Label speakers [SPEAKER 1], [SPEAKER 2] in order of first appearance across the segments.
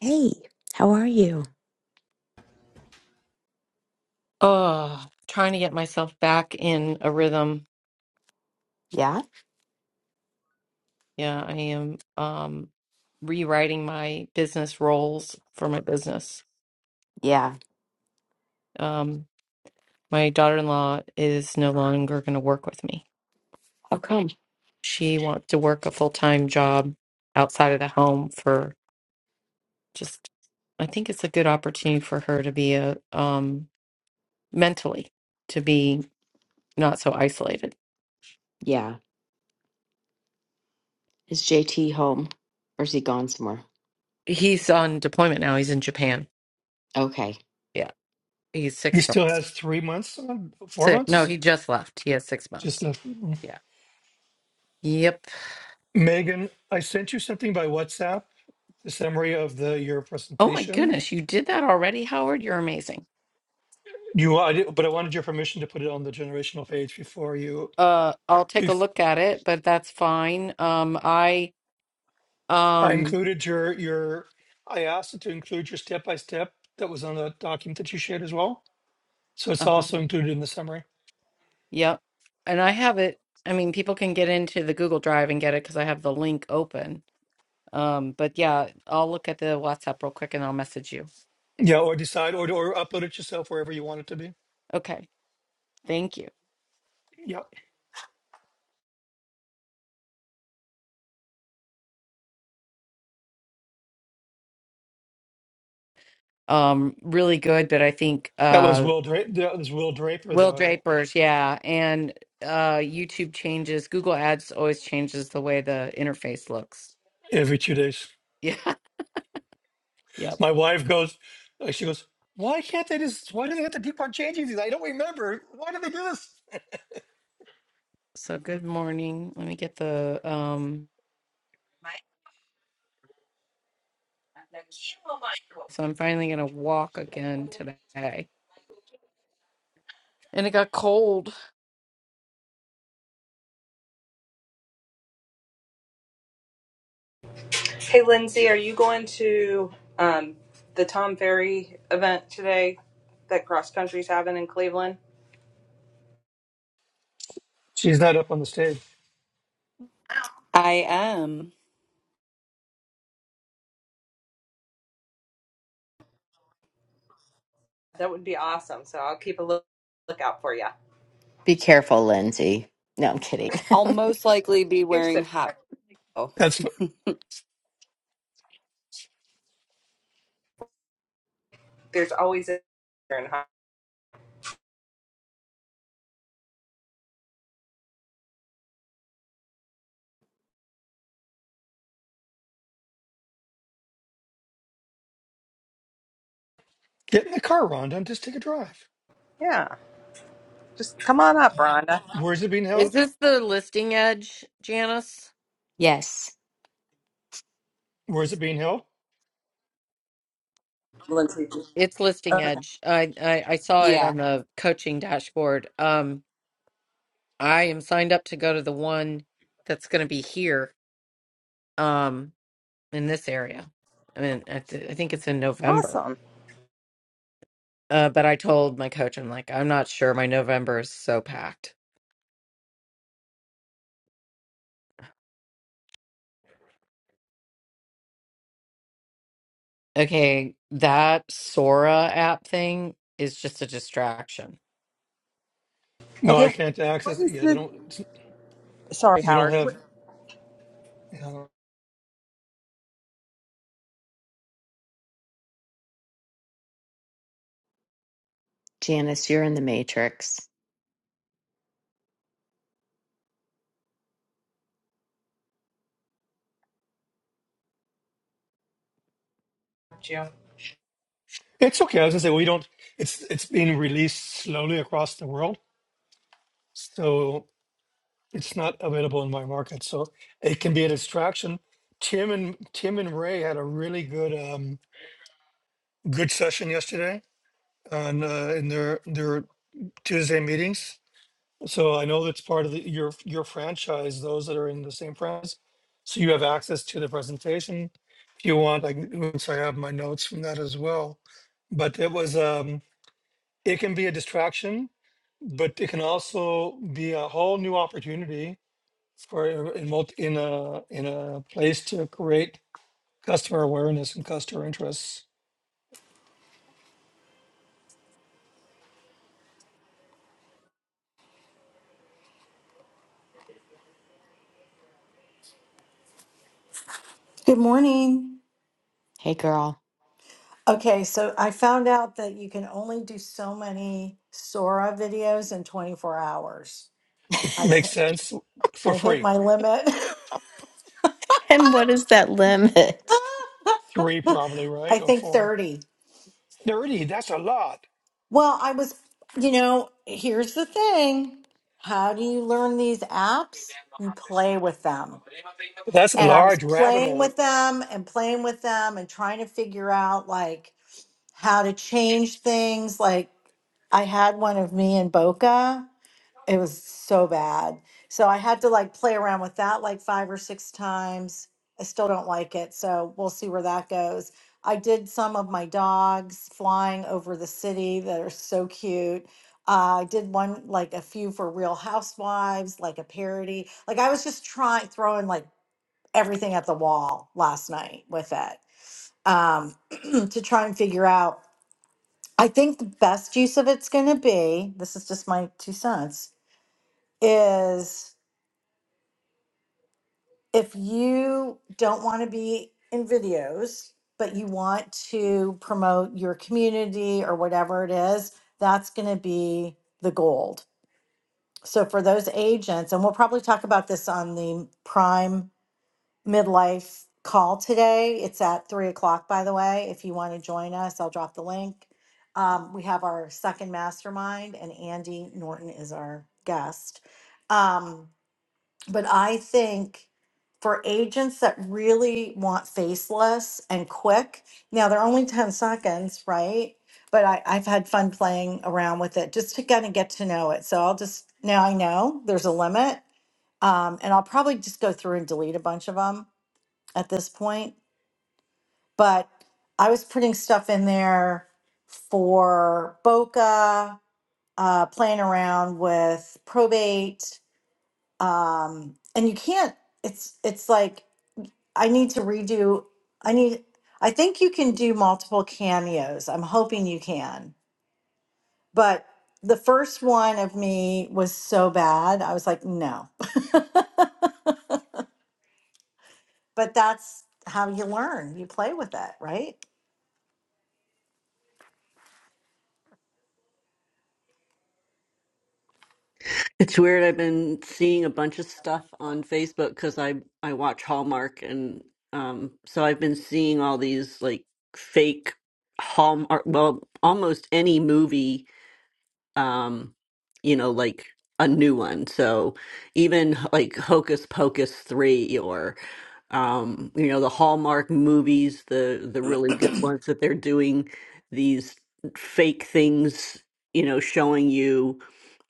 [SPEAKER 1] Hey, how are you?
[SPEAKER 2] Oh, trying to get myself back in a rhythm.
[SPEAKER 1] Yeah?
[SPEAKER 2] Yeah, I am um rewriting my business roles for my business.
[SPEAKER 1] Yeah.
[SPEAKER 2] Um my daughter-in-law is no longer going to work with me.
[SPEAKER 1] How come?
[SPEAKER 2] She wants to work a full-time job outside of the home for just I think it's a good opportunity for her to be a um mentally to be not so isolated.
[SPEAKER 1] Yeah. Is JT home or is he gone somewhere?
[SPEAKER 2] He's on deployment now. He's in Japan.
[SPEAKER 1] Okay.
[SPEAKER 2] Yeah, he's
[SPEAKER 3] He
[SPEAKER 2] six
[SPEAKER 3] still
[SPEAKER 2] months.
[SPEAKER 3] has three months, on- four
[SPEAKER 2] So No,
[SPEAKER 3] months.
[SPEAKER 2] he just left. He has six
[SPEAKER 3] Just
[SPEAKER 2] months.
[SPEAKER 3] a,
[SPEAKER 2] Yeah. Yep.
[SPEAKER 3] Megan, I sent you something by WhatsApp, the summary of the your
[SPEAKER 2] Oh my
[SPEAKER 3] presentation.
[SPEAKER 2] goodness, you did that already, Howard. You're amazing.
[SPEAKER 3] You, I did, but I wanted your permission to put it on the generational page before you.
[SPEAKER 2] Uh, I'll take a
[SPEAKER 3] Bef-
[SPEAKER 2] look at it, but that's fine. Um, I
[SPEAKER 3] I
[SPEAKER 2] um,
[SPEAKER 3] included your your. I asked it to include your step by step that was on the document that you shared as well. So it's
[SPEAKER 2] uh
[SPEAKER 3] also included in the summary.
[SPEAKER 2] yep. And I have it. I mean, people can get into the Google Drive and get it because I have the link open. Um, but yeah, I'll look at the WhatsApp real quick and I'll message you.
[SPEAKER 3] Yeah, or decide or or upload it yourself wherever you want it to be.
[SPEAKER 2] Okay. Thank you.
[SPEAKER 3] Yeah,
[SPEAKER 2] Um, really good, but I think
[SPEAKER 3] that was
[SPEAKER 2] uh.
[SPEAKER 3] Will Draper. That was Will Draper
[SPEAKER 2] Will
[SPEAKER 3] though.
[SPEAKER 2] Draper's, yeah, and uh YouTube changes. Google Ads always changes the way the interface looks.
[SPEAKER 3] Every two days.
[SPEAKER 2] Yeah. Yep.
[SPEAKER 3] My wife goes, uh, she goes, why can't they just, why do they have to keep on changing these? I don't remember. Why do they do this?
[SPEAKER 2] So good morning. Let me get the um so I'm finally gonna walk again today. And it got cold.
[SPEAKER 4] Hey, Lindsay, are you going to um, the Tom Ferry event today that Cross Country's having in Cleveland?
[SPEAKER 3] She's not up on the stage.
[SPEAKER 5] I am.
[SPEAKER 4] That would be awesome. So I'll keep a look lookout for you.
[SPEAKER 1] Be careful, Lindsay. No, I'm kidding.
[SPEAKER 5] I'll most likely be
[SPEAKER 4] You're
[SPEAKER 5] wearing
[SPEAKER 4] so
[SPEAKER 5] hot. Oh,
[SPEAKER 3] That's
[SPEAKER 4] there's always a
[SPEAKER 3] get in the car, Rhonda, and just take a drive.
[SPEAKER 4] yeah. Just come on up, Rhonda.
[SPEAKER 3] Where is it being
[SPEAKER 2] Is
[SPEAKER 3] held?
[SPEAKER 2] this the listing edge, Janice?
[SPEAKER 1] yes.
[SPEAKER 3] Where is it being held?
[SPEAKER 2] It's listing edge. I, I I saw it
[SPEAKER 5] yeah.
[SPEAKER 2] on the coaching dashboard. Um I am signed up to go to the one that's gonna be here. Um. in this area. I mean, I, th- I think it's in November.
[SPEAKER 4] Awesome.
[SPEAKER 2] Uh, but I told my coach, I'm like, I'm not sure. My November is so packed. Okay, that Sora app thing is just a distraction.
[SPEAKER 3] Well, I
[SPEAKER 4] Okay,
[SPEAKER 3] can't
[SPEAKER 4] what
[SPEAKER 3] access it.
[SPEAKER 4] is
[SPEAKER 3] Yeah, they
[SPEAKER 4] the?
[SPEAKER 3] don't, it's,
[SPEAKER 4] Sorry,
[SPEAKER 3] we don't
[SPEAKER 4] Howard.
[SPEAKER 3] have,
[SPEAKER 4] What-
[SPEAKER 3] you know.
[SPEAKER 1] Janice, you're in the Matrix.
[SPEAKER 4] you.
[SPEAKER 3] it's okay. I was gonna say, we don't, it's, it's being released slowly across the world. So it's not available in my market. So it can be a distraction. Tim and Tim and Ray had a really good, um, good session yesterday on uh, in their their Tuesday meetings. So I know that's part of the, your your franchise. Those that are in the same franchise, so you have access to the presentation. If you want, I can- oops, I have my notes from that as well. But it was um, it can be a distraction, but it can also be a whole new opportunity for a- in multi, in a in a place to create customer awareness and customer interests.
[SPEAKER 6] Good morning.
[SPEAKER 1] Hey, girl.
[SPEAKER 6] Okay, so I found out that you can only do so many Sora videos in 24 hours. I
[SPEAKER 3] Makes
[SPEAKER 6] hit-
[SPEAKER 3] sense for
[SPEAKER 6] I hit
[SPEAKER 3] free.
[SPEAKER 6] my limit.
[SPEAKER 1] And what is that limit?
[SPEAKER 3] Three probably right
[SPEAKER 6] I
[SPEAKER 3] or
[SPEAKER 6] think
[SPEAKER 3] four.
[SPEAKER 6] 30.
[SPEAKER 3] 30, that's a lot.
[SPEAKER 6] Well, I was, you know, here's the thing. How do you learn these apps? You play with them.
[SPEAKER 3] That's a
[SPEAKER 6] And I was
[SPEAKER 3] large rabbit
[SPEAKER 6] playing
[SPEAKER 3] hole.
[SPEAKER 6] with them and playing with them and trying to figure out like how to change things like I had one of me and Boca. It was so bad. So I had to like play around with that like five or six times. I still don't like it. So we'll see where that goes. I did some of my dogs flying over the city that are so cute. Uh, I did one like a few for Real Housewives, like a parody. Like I was just trying throwing like everything at the wall last night with it um, to try and figure out. I think the best use of it's going to be. This is just my two cents. Is if you don't want to be in videos, but you want to promote your community or whatever it is, that's going to be the gold. So for those agents, and we'll probably talk about this on the prime midlife call today. It's at three o'clock, by the way. If you want to join us, I'll drop the link. Um, we have our second mastermind, and Andy Norton is our guest. Um, but I think for agents that really want faceless and quick, now they're only 10 seconds, right? But I, I've had fun playing around with it just to kind of get to know it. So I'll just, now I know there's a limit. Um, and I'll probably just go through and delete a bunch of them at this point. But I was putting stuff in there for Boca, uh, playing around with probate. Um, and you can't, it's, it's like, I need to redo. I need. I think you can do multiple cameos. I'm hoping you can. But the first one of me was so bad. I was like, no. But that's how you learn. You play with it, right?
[SPEAKER 7] It's weird. I've been seeing a bunch of stuff on Facebook because I I watch Hallmark, and um, so I've been seeing all these like fake Hallmark. Well, almost any movie, um, you know, like a new one. So even like Hocus Pocus three, or um you know the Hallmark movies the the really good ones that they're doing these fake things you know showing you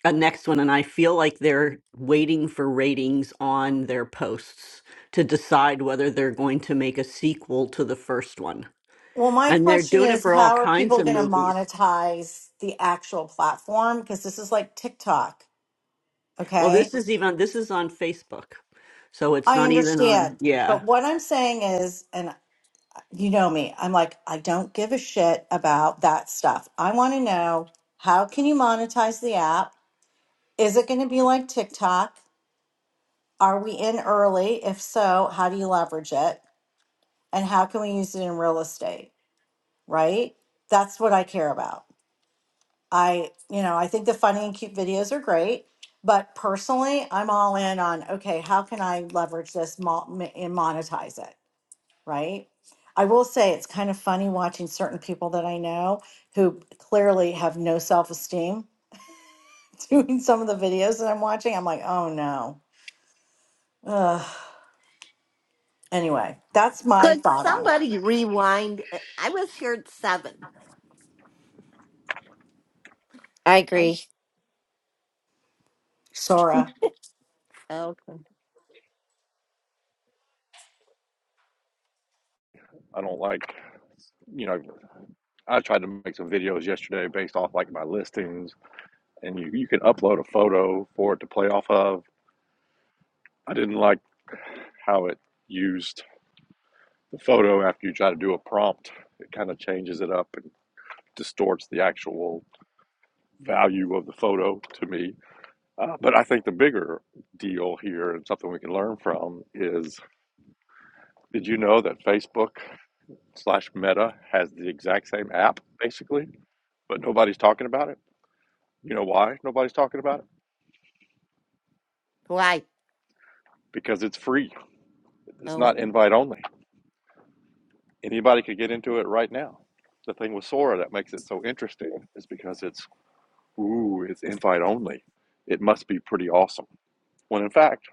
[SPEAKER 7] a next one and I feel like they're waiting for ratings on their posts to decide whether they're going to make a sequel to the first one
[SPEAKER 6] Well, my
[SPEAKER 7] and they're
[SPEAKER 6] question
[SPEAKER 7] doing it
[SPEAKER 6] is,
[SPEAKER 7] for all
[SPEAKER 6] how are
[SPEAKER 7] kinds
[SPEAKER 6] people
[SPEAKER 7] of
[SPEAKER 6] going to
[SPEAKER 7] movies
[SPEAKER 6] monetize the actual platform? Because this is like TikTok.
[SPEAKER 7] well
[SPEAKER 6] Okay,
[SPEAKER 7] this is even this is on Facebook so it's
[SPEAKER 6] I
[SPEAKER 7] not even on
[SPEAKER 6] understand.
[SPEAKER 7] yeah
[SPEAKER 6] But what I'm saying is, and you know me i'm like i don't give a shit about that stuff i want to know how can you monetize the app is it going to be like tiktok are we in early if so how do you leverage it and how can we use it in real estate right that's what i care about i you know i think the funny and cute videos are great but personally i'm all in on okay how can i leverage this mo- and monetize it right? I will say it's kind of funny watching certain people that I know who clearly have no self esteem doing some of the videos that I'm watching. I'm like, oh no. Ugh. Anyway, that's my
[SPEAKER 8] Could
[SPEAKER 6] thought on it.
[SPEAKER 8] somebody rewind? Uh, I was here at seven.
[SPEAKER 9] I
[SPEAKER 8] I
[SPEAKER 9] agree.
[SPEAKER 6] Sora.
[SPEAKER 8] okay.
[SPEAKER 10] I don't like, you know, I tried to make some videos yesterday based off like my listings, and you, you can upload a photo for it to play off of. I didn't like how it used the photo after you try to do a prompt. It kind of changes it up and distorts the actual value of the photo to me. Uh, but I think the bigger deal here and something we can learn from is did you know that Facebook slash Meta has the exact same app basically, but nobody's talking about it? You know why nobody's talking about it?
[SPEAKER 8] why
[SPEAKER 10] Because it's free. It's
[SPEAKER 8] Oh,
[SPEAKER 10] not invite only. Anybody could get into it right now. The thing with Sora that makes it so interesting is because it's, ooh, it's invite only. It must be pretty awesome. When in fact,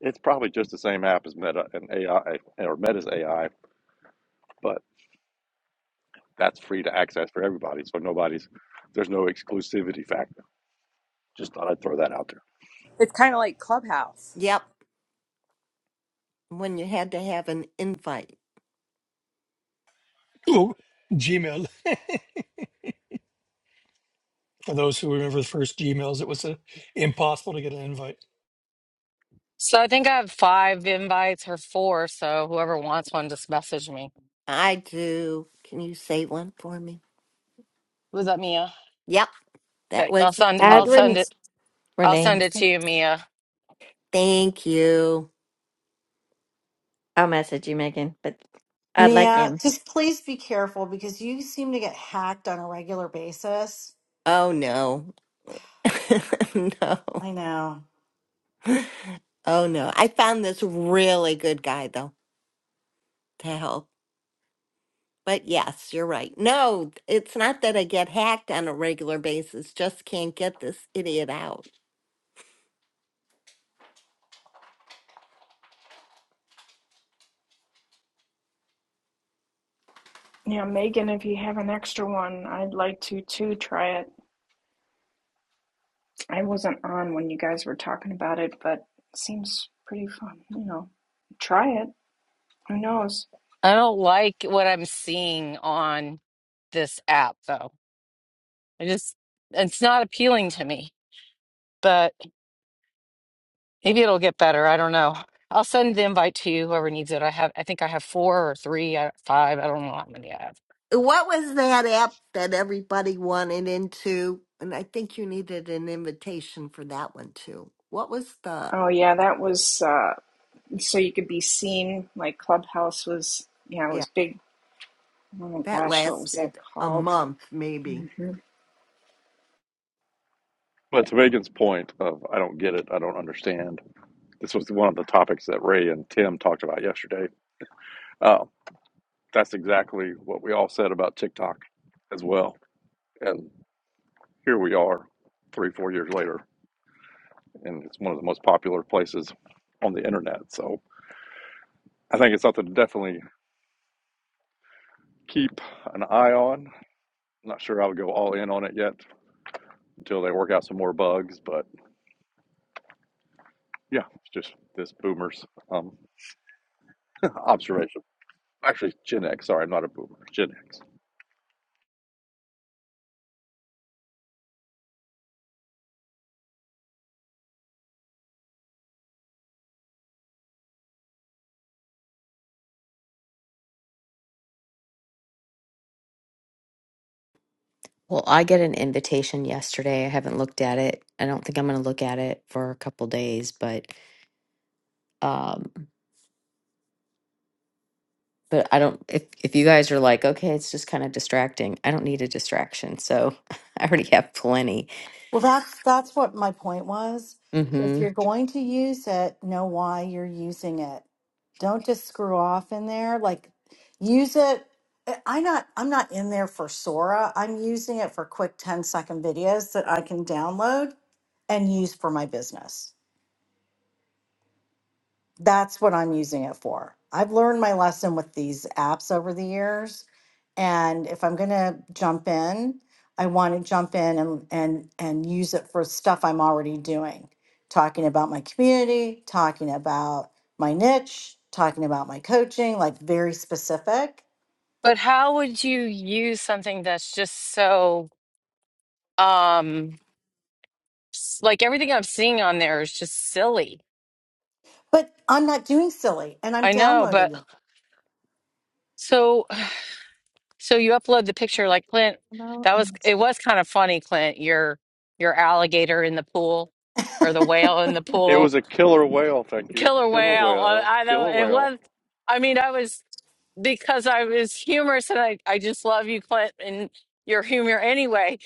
[SPEAKER 10] it's probably just the same app as Meta and AI or Meta's AI, but that's free to access for everybody. So nobody's, there's no exclusivity factor. Just thought I'd throw that out there.
[SPEAKER 4] It's kind of like Clubhouse.
[SPEAKER 8] yep. When you had to have an invite.
[SPEAKER 3] Ooh, Gmail. For those who remember the first Gmails, it was uh impossible to get an invite.
[SPEAKER 2] So I think I have five invites or four. So whoever wants one, just message me.
[SPEAKER 8] I do. Can you say one for me?
[SPEAKER 2] Was that Mia?
[SPEAKER 8] Yep. That
[SPEAKER 2] Okay, I'll
[SPEAKER 8] was.
[SPEAKER 2] send. I'll
[SPEAKER 9] Add
[SPEAKER 2] send
[SPEAKER 9] Ren-
[SPEAKER 2] it. I'll
[SPEAKER 9] Renee.
[SPEAKER 2] send it to you, Mia.
[SPEAKER 8] Thank you.
[SPEAKER 9] I'll message you, Megan, but I'd like you
[SPEAKER 6] Mia, just please be careful because you seem to get hacked on a regular basis.
[SPEAKER 8] Oh no. no.
[SPEAKER 6] I know.
[SPEAKER 8] Oh no. I found this really good guy though to help. But yes, you're right. No, it's not that I get hacked on a regular basis. Just can't get this idiot out.
[SPEAKER 11] Yeah, Megan, if you have an extra one, I'd like to too try it. I wasn't on when you guys were talking about it, but it seems pretty fun, you know. Try it. Who knows?
[SPEAKER 2] I don't like what I'm seeing on this app, though. I just it's not appealing to me. Maybe it'll get better. I don't know. I'll send the invite to you, whoever needs it. I have, I think I have four or three, uh, five. I don't know how many I have.
[SPEAKER 8] What was that app that everybody wanted into? And I think you needed an invitation for that one too. What was the,
[SPEAKER 11] Oh yeah, that was uh so you could be seen like Clubhouse was yeah, it
[SPEAKER 8] yeah,
[SPEAKER 11] was big. Oh my
[SPEAKER 8] that
[SPEAKER 11] gosh, what was that
[SPEAKER 8] lasted a
[SPEAKER 11] called?
[SPEAKER 8] month maybe.
[SPEAKER 10] Well, to Megan's point of I don't get it, I don't understand. This was one of the topics that Ray and Tim talked about yesterday. Uh, that's exactly what we all said about TikTok as well. And here we are, three, four years later, and it's one of the most popular places on the internet. So I think it's something to definitely keep an eye on. I'm not sure I would go all in on it yet until they work out some more bugs, but yeah, it's just this boomer's um, observation. Actually, Gen X. Sorry, I'm not a boomer. Gen X.
[SPEAKER 1] Well, I get an invitation yesterday. I haven't looked at it. I don't think I'm going to look at it for a couple days, but um but I don't if if you guys are like, okay, it's just kind of distracting. I don't need a distraction. So I already have plenty.
[SPEAKER 6] Well, that's that's what my point was.
[SPEAKER 1] Hmm.
[SPEAKER 6] If you're going to use it, know why you're using it. Don't just screw off in there. Like use it. Eh, I- I'm not I'm not in there for Sora. I'm using it for quick 10 second videos that I can download and use for my business that's what I'm using it for. I've learned my lesson with these apps over the years. And if I'm going to jump in, I want to jump in and, and, and use it for stuff I'm already doing, talking about my community, talking about my niche, talking about my coaching, like very specific.
[SPEAKER 2] But how would you use something that's just so, um, s- like everything I'm seeing on there is just silly.
[SPEAKER 6] But I'm not doing silly and I'm
[SPEAKER 2] I know, but
[SPEAKER 6] downloading
[SPEAKER 2] so So you upload the picture like Clint.
[SPEAKER 12] Navarro
[SPEAKER 2] That was
[SPEAKER 12] and Mr.
[SPEAKER 2] it was kind of funny, Clint, your your alligator in the pool
[SPEAKER 6] it.
[SPEAKER 2] or the whale in the
[SPEAKER 10] It was
[SPEAKER 2] pool.
[SPEAKER 10] a killer whale, thank you.
[SPEAKER 2] Killer
[SPEAKER 10] Killer
[SPEAKER 2] whale. Uh,
[SPEAKER 10] whale,
[SPEAKER 2] I know
[SPEAKER 10] killer
[SPEAKER 2] it
[SPEAKER 10] whale.
[SPEAKER 2] was I mean, I was because I was humorous and I, I just love you, Clint, and your humor anyway.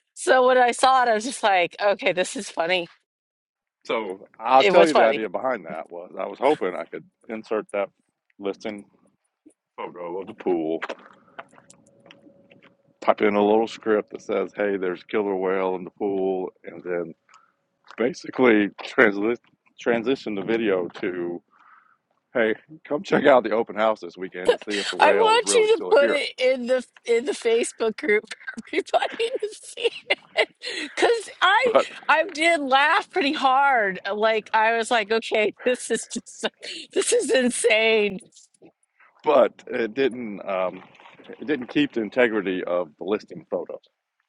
[SPEAKER 2] so when I saw it, I was just like, okay, this is funny.
[SPEAKER 10] So I'll
[SPEAKER 2] It
[SPEAKER 10] tell
[SPEAKER 2] was
[SPEAKER 10] you the
[SPEAKER 2] funny.
[SPEAKER 10] idea behind that was I was hoping I could insert that listing photo of the pool, type in a little script that says, hey, there's killer whale in the pool, and then basically transli- transition the video to, hey, come check out the open house this weekend to see if the
[SPEAKER 2] I
[SPEAKER 10] whale is
[SPEAKER 2] want
[SPEAKER 10] really
[SPEAKER 2] you to
[SPEAKER 10] still
[SPEAKER 2] put
[SPEAKER 10] here.
[SPEAKER 2] it in the in the Facebook group for everybody to see it. Cause I
[SPEAKER 10] But
[SPEAKER 2] I did laugh pretty hard. Like I was like, okay, this is just this is insane.
[SPEAKER 10] but it didn't um, it didn't keep the integrity of the listing photo.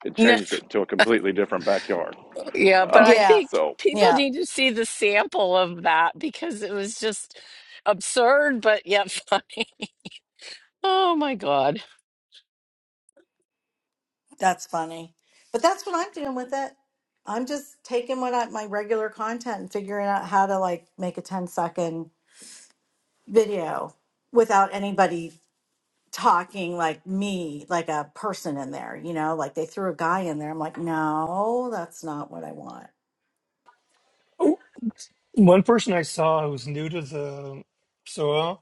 [SPEAKER 10] It
[SPEAKER 2] No,
[SPEAKER 10] changed it to a completely different backyard.
[SPEAKER 2] yeah, but
[SPEAKER 10] Uh,
[SPEAKER 2] I
[SPEAKER 6] Yeah.
[SPEAKER 10] so,
[SPEAKER 2] think
[SPEAKER 10] all
[SPEAKER 2] people
[SPEAKER 6] Yeah.
[SPEAKER 2] need to see the sample of that because it was just absurd, but yet funny. Oh my god.
[SPEAKER 6] That's funny. But that's what I'm doing with it. I'm just taking what I, my regular content and figuring out how to like make a 10 second video without anybody talking like me, like a person in there, you know, like they threw a guy in there. I'm like, no, that's not what I want.
[SPEAKER 3] Oh, one person I saw who's new to the SOA,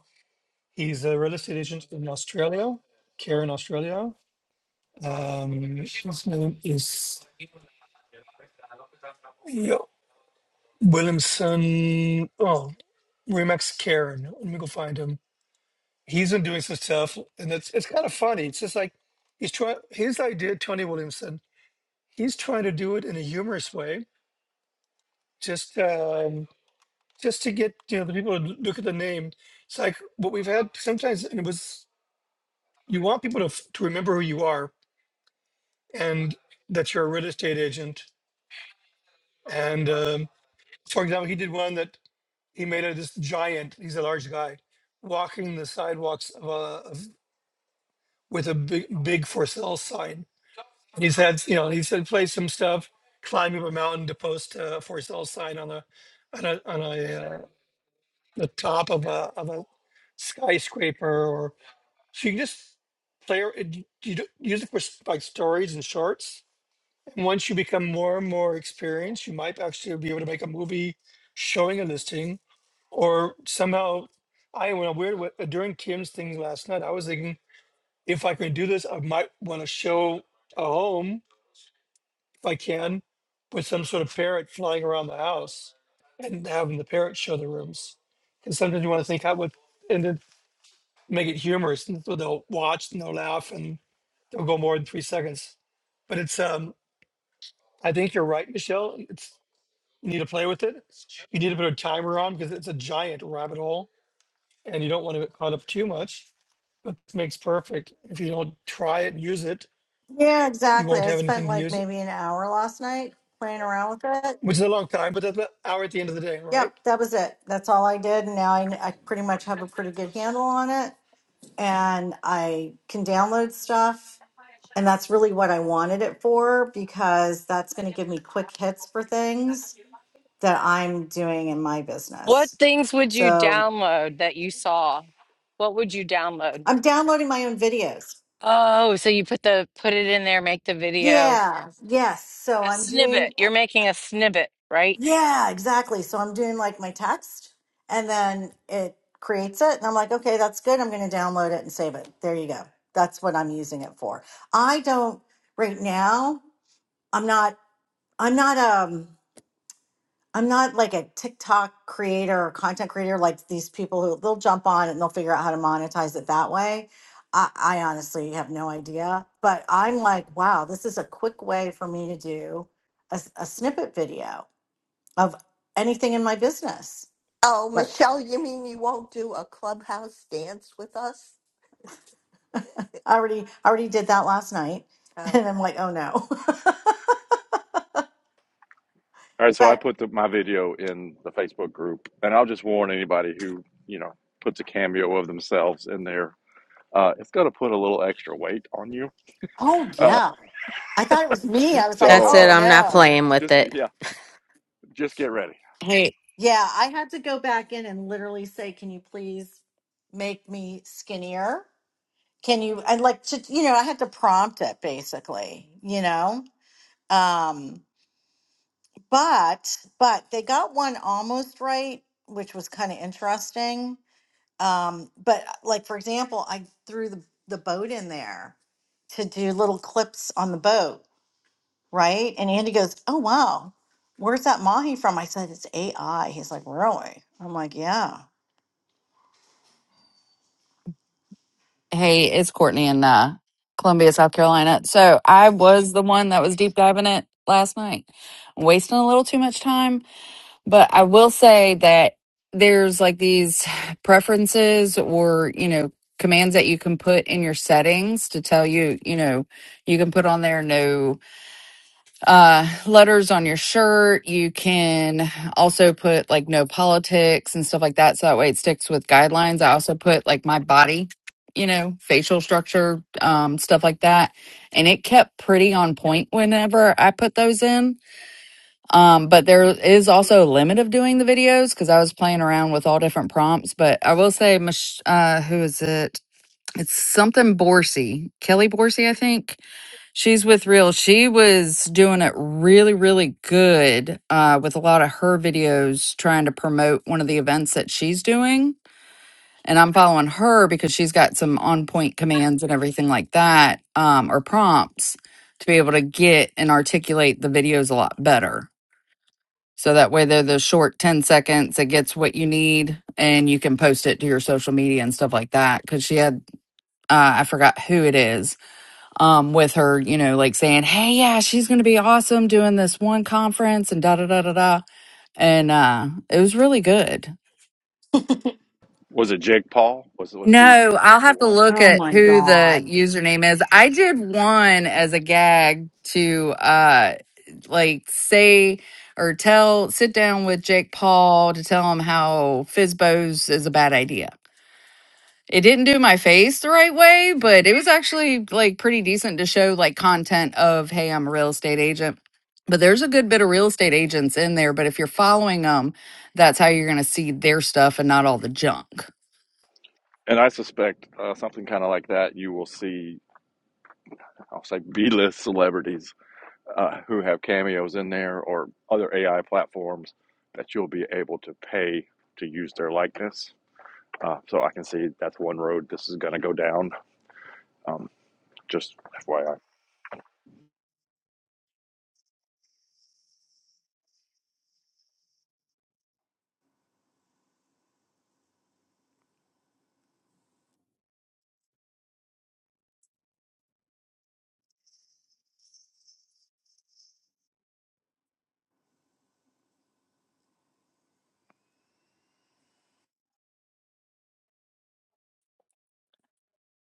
[SPEAKER 3] he's a real estate agent in Australia, here in Australia. Um, his name is yeah, Williamson. Oh, Remax Karen. Let me go find him. he's been doing some stuff, and it's it's kind of funny. It's just like he's trying his idea, Tony Williamson. He's trying to do it in a humorous way, just um, just to get you know the people to look at the name. It's like what we've had sometimes, and it was you want people to f- to remember who you are and that you're a real estate agent. And um, for example, he did one that he made of this giant. He's a large guy walking the sidewalks of, a, of with a big big for sale sign He's had, you know, he's had played some stuff, climbing up a mountain to post a for sale sign on a on a on a uh, the top of a of a skyscraper, or so you can just play. ar- it- You d- use it for s- like stories and shorts. And once you become more and more experienced, you might actually be able to make a movie showing a listing, or somehow. I went a weird way during Kim's thing last night. I was thinking if I can do this, I might want to show a home if I can, with some sort of parrot flying around the house and having the parrot show the rooms. Because sometimes you want to think how would and then make it humorous, and so they'll watch and they'll laugh and they'll go more than three seconds. But it's um, I think you're right, Michelle. It's you need to play with it. You need to put a timer on because it's a giant rabbit hole, and you don't want to get caught up too much. But it makes perfect. If you don't try it and use it,
[SPEAKER 6] Yeah,
[SPEAKER 3] you
[SPEAKER 6] exactly.
[SPEAKER 3] won't
[SPEAKER 6] I
[SPEAKER 3] have
[SPEAKER 6] spent
[SPEAKER 3] anything to
[SPEAKER 6] like
[SPEAKER 3] use it,
[SPEAKER 6] maybe an hour last night playing around with it.
[SPEAKER 3] which is a long time. But that's an hour at the end of the day, right?
[SPEAKER 6] Yep, that was it. That's all I did. And now I, I pretty much have a pretty good handle on it and I can download stuff And that's really what I wanted it for because that's going to give me quick hits for things that I'm doing in my
[SPEAKER 2] What
[SPEAKER 6] business.
[SPEAKER 2] things would you
[SPEAKER 6] So
[SPEAKER 2] download that you saw? What would you download?
[SPEAKER 6] I'm downloading my own videos.
[SPEAKER 2] Oh, so you put the put it in there, make the video.
[SPEAKER 6] Yeah. Yes. So
[SPEAKER 2] A
[SPEAKER 6] I'm
[SPEAKER 2] snippet.
[SPEAKER 6] doing, uh,
[SPEAKER 2] You're making a snippet, right?
[SPEAKER 6] yeah, exactly. So I'm doing like my text and then it creates it. And I'm like, okay, that's good. I'm going to download it and save it. There you go. That's what I'm using it for. I don't, right now, I'm not, I'm not, um, I'm not like a TikTok creator or content creator like these people who they'll jump on and they'll figure out how to monetize it that way. I, I honestly have no idea, but I'm like, wow, this is a quick way for me to do a, s- a snippet video of anything in my business.
[SPEAKER 8] Oh,
[SPEAKER 6] Like
[SPEAKER 8] Michelle, you mean you won't do a clubhouse dance with us?
[SPEAKER 6] I already I already did that last night, and I'm like, oh no.
[SPEAKER 10] right, so I
[SPEAKER 6] but
[SPEAKER 10] put the, my video in the Facebook group, and I'll just warn anybody who you know puts a cameo of themselves in there. Uh, it's gonna put a little extra weight on you.
[SPEAKER 6] oh
[SPEAKER 10] Uh,
[SPEAKER 6] yeah, I thought it was me. I was like,
[SPEAKER 1] That's
[SPEAKER 10] so,
[SPEAKER 1] it.
[SPEAKER 6] oh
[SPEAKER 10] uh,
[SPEAKER 1] I'm not
[SPEAKER 10] yeah,
[SPEAKER 6] no.
[SPEAKER 1] playing with
[SPEAKER 10] just get,
[SPEAKER 1] it.
[SPEAKER 10] yeah, just get ready.
[SPEAKER 13] Hey,
[SPEAKER 6] Yeah, I had to go back in and literally say, "Can you please make me skinnier? Can you?" I like to, you know, I had to prompt it basically, you know. Um, but but they got one almost right, which was kind of interesting. Um, but uh, like for example, I threw the the boat in there to do little clips on the boat, right? And Andy goes, "Oh wow, where's that mahi from?" I said, "It's AI." He's like, "Really?" I'm like, "Yeah."
[SPEAKER 13] hey, it's Courtney in uh, Columbia, South Carolina. So I was the one that was deep diving it last night, wasting a little too much time. But I will say that there's like these preferences or, you know, commands that you can put in your settings to tell you, you know, you can put on there no uh letters on your shirt you can also put like no politics and stuff like that so that way it sticks with guidelines i also put like my body you know facial structure um stuff like that and it kept pretty on point whenever i put those in um but there is also a limit of doing the videos because i was playing around with all different prompts but i will say Mich- uh who is it it's something borsey kelly borsey i think She's with Real. She was doing it really, really good uh, with a lot of her videos trying to promote one of the events that she's doing. And I'm following her because she's got some on point commands and everything like that, um, or prompts to be able to get and articulate the videos a lot better. So that way they're the short 10 seconds, it gets what you need and you can post it to your social media and stuff like that. Cause she had, uh, I forgot who it is um, with her, you know, like saying, "Hey, yeah, she's going to be awesome doing this one conference and da da da da da," and uh, it was really good.
[SPEAKER 10] Was it Jake Paul? Was was he
[SPEAKER 13] No, I'll
[SPEAKER 10] the
[SPEAKER 13] have to
[SPEAKER 10] one?
[SPEAKER 13] look
[SPEAKER 6] Oh
[SPEAKER 13] at
[SPEAKER 6] my
[SPEAKER 13] who the
[SPEAKER 6] God.
[SPEAKER 13] username is. I did one as a gag to uh, like say or tell, sit down with Jake Paul to tell him how Fizbo's is a bad idea It didn't do my face the right way, but it was actually like pretty decent to show like content of, hey, I'm a real estate agent. But there's a good bit of real estate agents in there. But if you're following them, that's how you're going to see their stuff and not all the junk.
[SPEAKER 10] And I suspect uh, something kind of like that. You will see, I'll say, B-list celebrities uh, who have cameos in there or other AI platforms that you'll be able to pay to use their likeness. Uh, so I can see that's one road this is going to go down. Um, just FYI.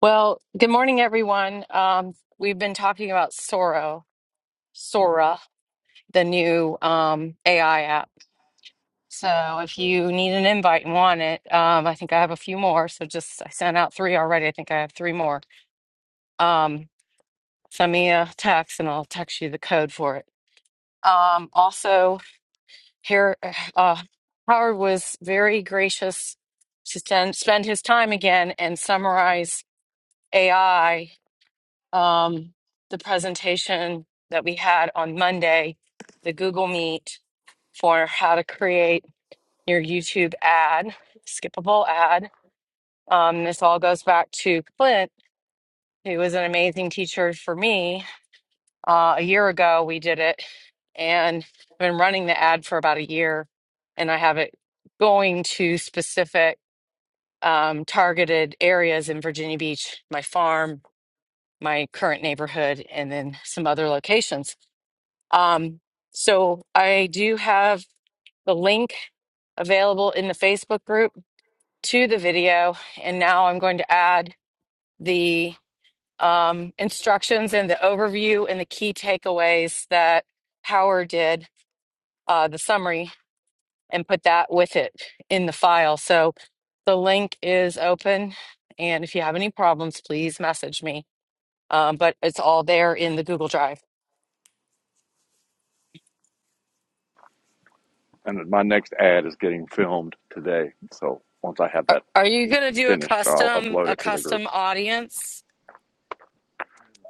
[SPEAKER 2] Well, good morning everyone. Um we've been talking about Sora, Sora, the new um AI app. So if you need an invite and want it, um, I think I have a few more. So just I sent out three already. I think I have three more. Um, send me a text and I'll text you the code for it. Um, also, here uh, Howard was very gracious to spend spend his time again and summarize AI um, the presentation that we had on Monday, the Google Meet for how to create your YouTube ad, skippable ad Um, this all goes back to Clint, who was an amazing teacher for me. Uh, a year ago, we did it, and I've been running the ad for about a year, and I have it going to specific um, targeted areas in Virginia Beach, my farm, my current neighborhood, and then some other locations. Um, so I do have the link available in the Facebook group to the video, and now I'm going to add. the. um, instructions and the overview and the key takeaways that Howard did, uh, the summary, and put that with it in the file. So the link is open. And if you have any problems, please message me. Um, but it's all there in the Google Drive.
[SPEAKER 10] And my next ad is getting filmed today. So once I have
[SPEAKER 2] Are,
[SPEAKER 10] that
[SPEAKER 2] are you going to do a
[SPEAKER 10] finished, I'll
[SPEAKER 2] custom
[SPEAKER 10] upload
[SPEAKER 2] a
[SPEAKER 10] it to the group.
[SPEAKER 2] custom audience?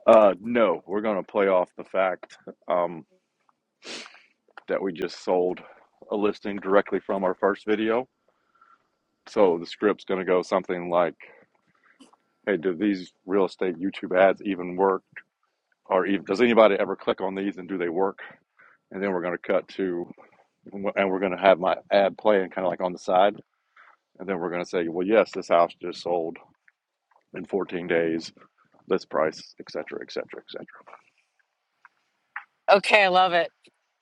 [SPEAKER 10] Uh, no, we're going to play off the fact um, that we just sold a listing directly from our first video. So the script's going to go something like, hey, do these real estate YouTube ads even work? or even, does anybody ever click on these and do they work? And then we're going to cut to, and we're going to have my ad playing kind of like on the side. And then we're going to say, well, yes, this house just sold in 14 days, this price, et cetera, et cetera, et cetera.
[SPEAKER 2] Okay, I love it.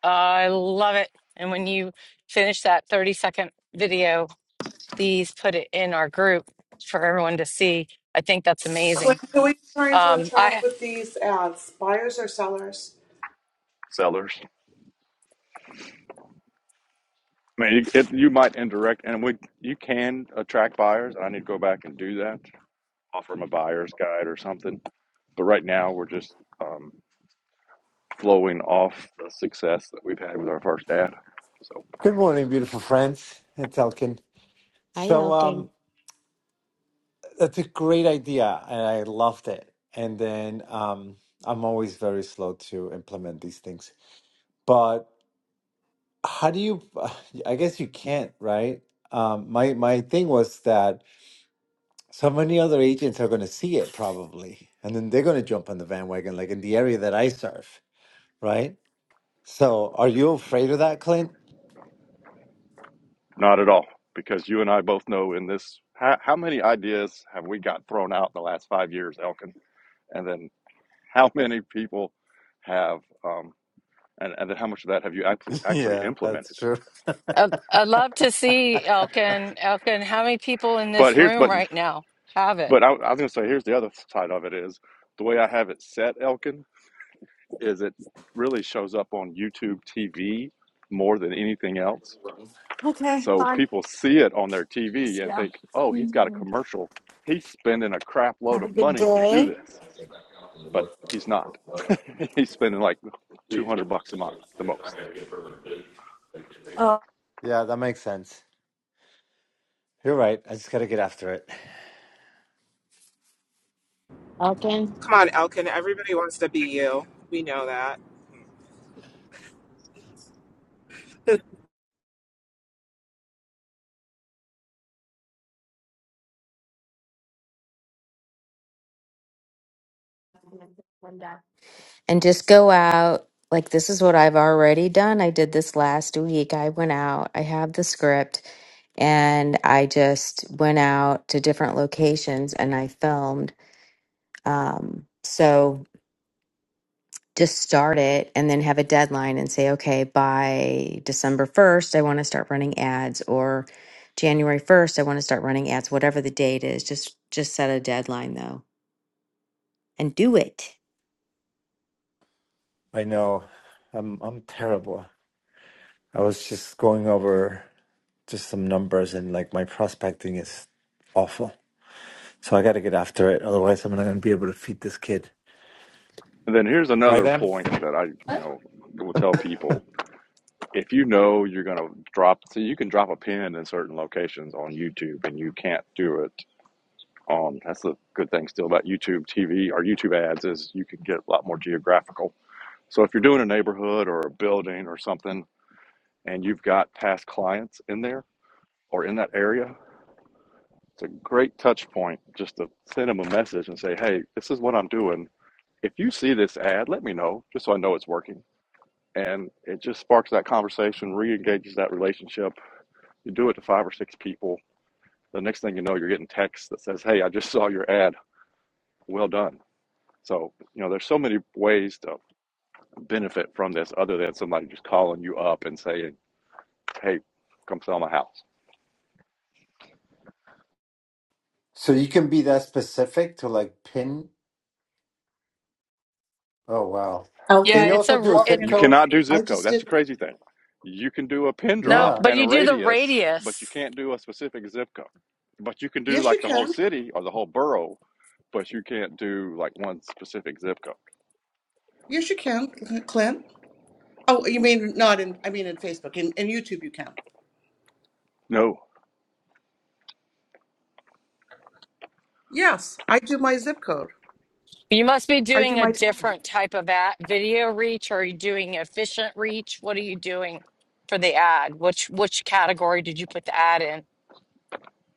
[SPEAKER 2] I love it. And when you finish that 30 second video, these, put it in our group for everyone to see. I think that's
[SPEAKER 14] Clint,
[SPEAKER 2] amazing.
[SPEAKER 14] who are you trying to
[SPEAKER 2] Um,
[SPEAKER 14] attract
[SPEAKER 2] I
[SPEAKER 14] with these ads? Buyers or sellers?
[SPEAKER 10] Sellers. I mean, you, it, you might indirect, and we you can attract buyers. I need to go back and do that, offer them a buyer's guide or something. But right now, we're just um, flowing off the success that we've had with our first ad. So.
[SPEAKER 15] Good morning, beautiful friends. It's Elkin.
[SPEAKER 1] Hi,
[SPEAKER 15] So um,
[SPEAKER 1] Elkin.
[SPEAKER 15] that's a great idea, and I loved it. And then um, I'm always very slow to implement these things. But how do you? I guess you can't, right? Um, my my thing was that so many other agents are going to see it probably, and then they're going to jump on the bandwagon, like in the area that I serve, right? So are you afraid of that, Clint?
[SPEAKER 10] Not at all, because you and I both know in this, how, how many ideas have we got thrown out in the last five years, Elkin? And then how many people have, um, and, and then how much of that have you actually, actually
[SPEAKER 15] yeah, that's
[SPEAKER 10] implemented?
[SPEAKER 15] true.
[SPEAKER 2] I- I'd love to see Elkin. Elkin, how many people in
[SPEAKER 10] But
[SPEAKER 2] this
[SPEAKER 10] here's,
[SPEAKER 2] room
[SPEAKER 10] but,
[SPEAKER 2] right now have it?
[SPEAKER 10] but I, I was going to say, here's the other side of it is the way I have it set, Elkin, is it really shows up on YouTube TV more than anything else.
[SPEAKER 6] Okay,
[SPEAKER 10] So
[SPEAKER 6] fine.
[SPEAKER 10] people see it on their TV and
[SPEAKER 6] Yeah.
[SPEAKER 10] think, oh, he's got a
[SPEAKER 6] Mhm.
[SPEAKER 10] commercial. He's spending a crap load
[SPEAKER 6] Have a
[SPEAKER 10] of
[SPEAKER 6] good
[SPEAKER 10] money to do
[SPEAKER 6] day.
[SPEAKER 10] this but he's not. he's spending like 200 bucks a month the most.
[SPEAKER 6] Uh,
[SPEAKER 15] Yeah, that makes sense. You're right. I just got to get after it.
[SPEAKER 1] Elkin.
[SPEAKER 16] Come on, Elkin. Everybody wants to be you. We know that.
[SPEAKER 1] And just go out. Like, this is what I've already done. I did this last week. I went out, I have the script, and I just went out to different locations and I filmed. Um, so just start it and then have a deadline and say, okay, by December 1st, I want to start running ads or January 1st, I want to start running ads, whatever the date is. Just just set a deadline though and do it.
[SPEAKER 15] I know. I'm I'm terrible. I was just going over just some numbers and like my prospecting is awful. So I got to get after it. Otherwise, I'm not going to be able to feed this kid.
[SPEAKER 10] And then here's
[SPEAKER 15] Right,
[SPEAKER 10] another
[SPEAKER 15] Em?
[SPEAKER 10] point that I, you know, will tell people. If you know you're going to drop, so you can drop a pin in certain locations on YouTube and you can't do it on, that's the good thing still about YouTube TV or YouTube ads is you can get a lot more geographical. So if you're doing a neighborhood or a building or something and you've got past clients in there or in that area, It's a great touch point just to send them a message and say, hey, this is what I'm doing. If you see this ad, let me know just so I know it's working. And it just sparks that conversation, re engages that relationship. You do it to five or six people. The next thing you know, you're getting text that says, hey, I just saw your ad. Well done. So, you know, there's so many ways to benefit from this other than somebody just calling you up and saying, hey, come sell my house.
[SPEAKER 15] So you can be that specific to like pin. Oh wow! Can
[SPEAKER 2] Yeah,
[SPEAKER 14] Elkin.
[SPEAKER 15] you
[SPEAKER 2] it's a
[SPEAKER 15] also do
[SPEAKER 2] r-
[SPEAKER 15] a
[SPEAKER 2] it.
[SPEAKER 15] zip
[SPEAKER 14] Elkin.
[SPEAKER 10] You
[SPEAKER 15] code?
[SPEAKER 10] cannot do
[SPEAKER 14] I
[SPEAKER 10] zip code.
[SPEAKER 14] just
[SPEAKER 10] That's the
[SPEAKER 14] didn't.
[SPEAKER 10] crazy thing. You can do a pin
[SPEAKER 2] No,
[SPEAKER 10] drop
[SPEAKER 15] Yeah.
[SPEAKER 2] but
[SPEAKER 10] and a
[SPEAKER 2] you do the
[SPEAKER 10] radius, but you
[SPEAKER 2] radius.
[SPEAKER 10] can't do a specific zip code. But you can do
[SPEAKER 14] Yes, you
[SPEAKER 10] like the whole
[SPEAKER 14] can.
[SPEAKER 10] city or the whole borough, but you can't do like one specific zip code.
[SPEAKER 14] Yes, you can, Clint. Oh, you mean not in, I mean in Facebook. In, in YouTube, you can.
[SPEAKER 10] No.
[SPEAKER 14] Yes, I do my zip code.
[SPEAKER 2] You must be
[SPEAKER 14] I do
[SPEAKER 2] doing a
[SPEAKER 14] my town.
[SPEAKER 2] different type of ad video reach. Or are you doing efficient reach? What are you doing for the ad? Which which category did you put the ad in?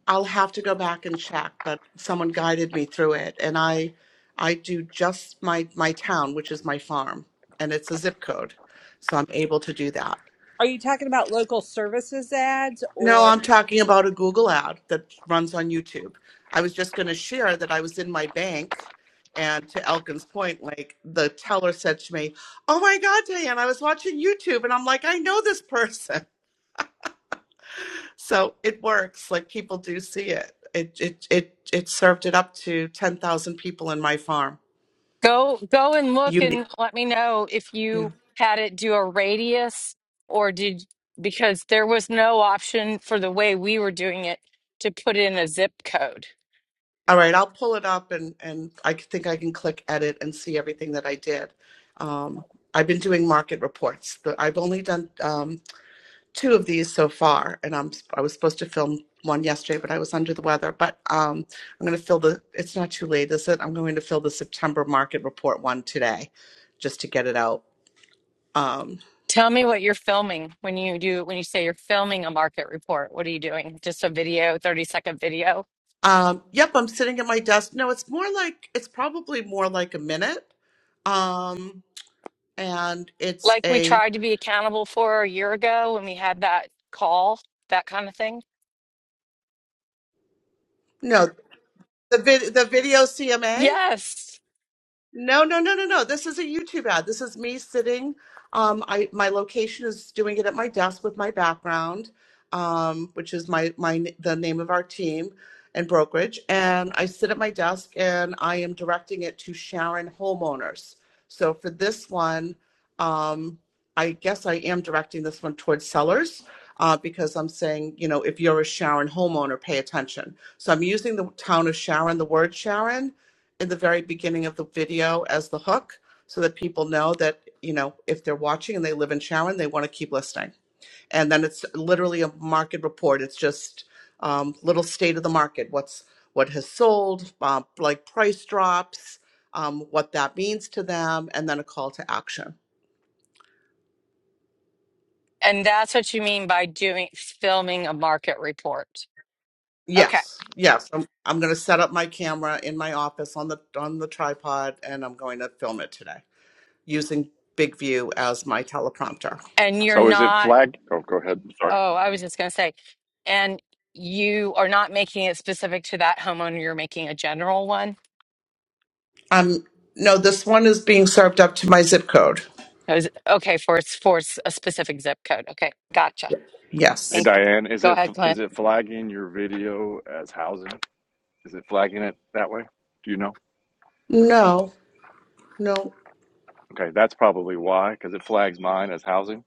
[SPEAKER 14] I'll have to go back and check, but someone guided me through it. And I I do just my, my town, which is my farm, and it's a zip code. So I'm able to do that.
[SPEAKER 4] Are you talking about local services ads
[SPEAKER 14] No,
[SPEAKER 4] or
[SPEAKER 14] I'm talking about a Google ad that runs on YouTube. I was just going to share that I was in my bank, and to Elkin's point, like the teller said to me, "Oh my God, Diane, I was watching YouTube," and I'm like, "I know this person." So it works. Like people do see it. It it it it served it up to ten thousand people in my farm.
[SPEAKER 2] Go go and look
[SPEAKER 14] Unique.
[SPEAKER 2] and let me know if you had it do a radius or did because there was no option for the way we were doing it to put in a zip code.
[SPEAKER 14] All right, I'll pull it up, and and I c- think I can click edit and see everything that I did. Um, I've been doing market reports. The- I've only done. um, two of these so far, and I'm I was supposed to film one yesterday, but I was under the weather. But um, I'm going to fill the. It's not too late, is it? I'm going to fill the September market report one today, just to get it out. Um,
[SPEAKER 2] Tell me what you're filming when you do when you say you're filming a market report. What are you doing? Just a video, 30 second video?
[SPEAKER 14] um, yep, I'm sitting at my desk. No, it's more like it's probably more like a minute, um, and it's
[SPEAKER 2] Like we
[SPEAKER 14] a
[SPEAKER 2] tried to be accountable for a year ago when we had that call, that kind of thing?
[SPEAKER 14] no the vid, the video CMA.
[SPEAKER 2] Yes.
[SPEAKER 14] No, no, no, no, no. This is a YouTube ad. This is me sitting. Um, I my location is doing it at my desk with my background, um, which is my my the name of our team and brokerage. And I sit at my desk and I am directing it to Sharon homeowners. So for this one, um, I guess I am directing this one towards sellers. Uh, because I'm saying, you know, if you're a Sharon homeowner, pay attention. So I'm using the town of Sharon, the word Sharon, in the very beginning of the video as the hook so that people know that you know if they're watching and they live in sharon they want to keep listening and then it's literally a market report it's just um, little state of the market what's what has sold uh, like price drops um, what that means to them and then a call to action
[SPEAKER 2] And that's what you mean by doing filming a market report. Okay.
[SPEAKER 14] yes yes i'm, I'm going to set up my camera in my office on the on the tripod and i'm going to film it today using big view as my teleprompter
[SPEAKER 2] And you're
[SPEAKER 10] So is it
[SPEAKER 2] not,
[SPEAKER 10] flag? Oh, go ahead. Sorry.
[SPEAKER 2] oh, I was just going to say, and you are not making it specific to that homeowner, you're making a general one.
[SPEAKER 14] Um, no, this one is being served up to my zip code.
[SPEAKER 2] I was- Okay, for it's for s- a specific zip code. Okay, gotcha.
[SPEAKER 10] Hey
[SPEAKER 2] Thank
[SPEAKER 14] Yes.
[SPEAKER 2] you.
[SPEAKER 10] Diane, is
[SPEAKER 2] Go
[SPEAKER 10] it
[SPEAKER 2] ahead,
[SPEAKER 10] is
[SPEAKER 2] Clint.
[SPEAKER 10] it flagging your video as housing? Is it flagging it that way? Do you know?
[SPEAKER 14] No, no.
[SPEAKER 10] Okay, that's probably why, because it flags mine as housing,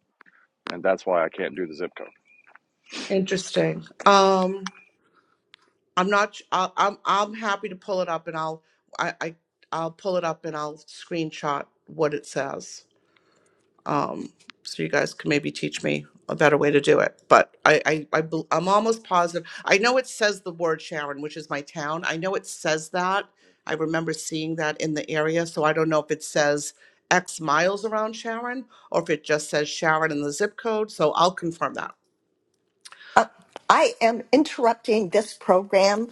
[SPEAKER 10] and that's why I can't do the zip code.
[SPEAKER 14] Interesting. Um, I'm not. I, I'm. I'm happy to pull it up, and I'll. I, I. I'll pull it up, and I'll screenshot what it says. um, so you guys can maybe teach me a better way to do it. But I, I, I bel- I'm almost positive. I know it says the word Sharon, which is my town. I know it says that. I remember seeing that in the area. So I don't know if it says X miles around Sharon or if it just says Sharon in the zip code. So I'll confirm that.
[SPEAKER 8] Uh, I am interrupting this program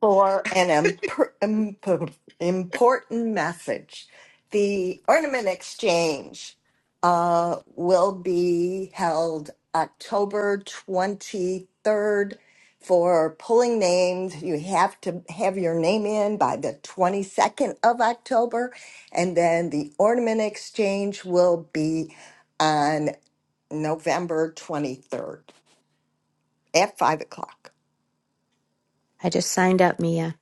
[SPEAKER 8] for an imp- imp- important message. The Ornament Exchange uh, will be held October 23rd for pulling names. You have to have your name in by the 22nd of October, and then the Ornament Exchange will be on November 23rd at five o'clock.
[SPEAKER 1] I just signed up, Mia.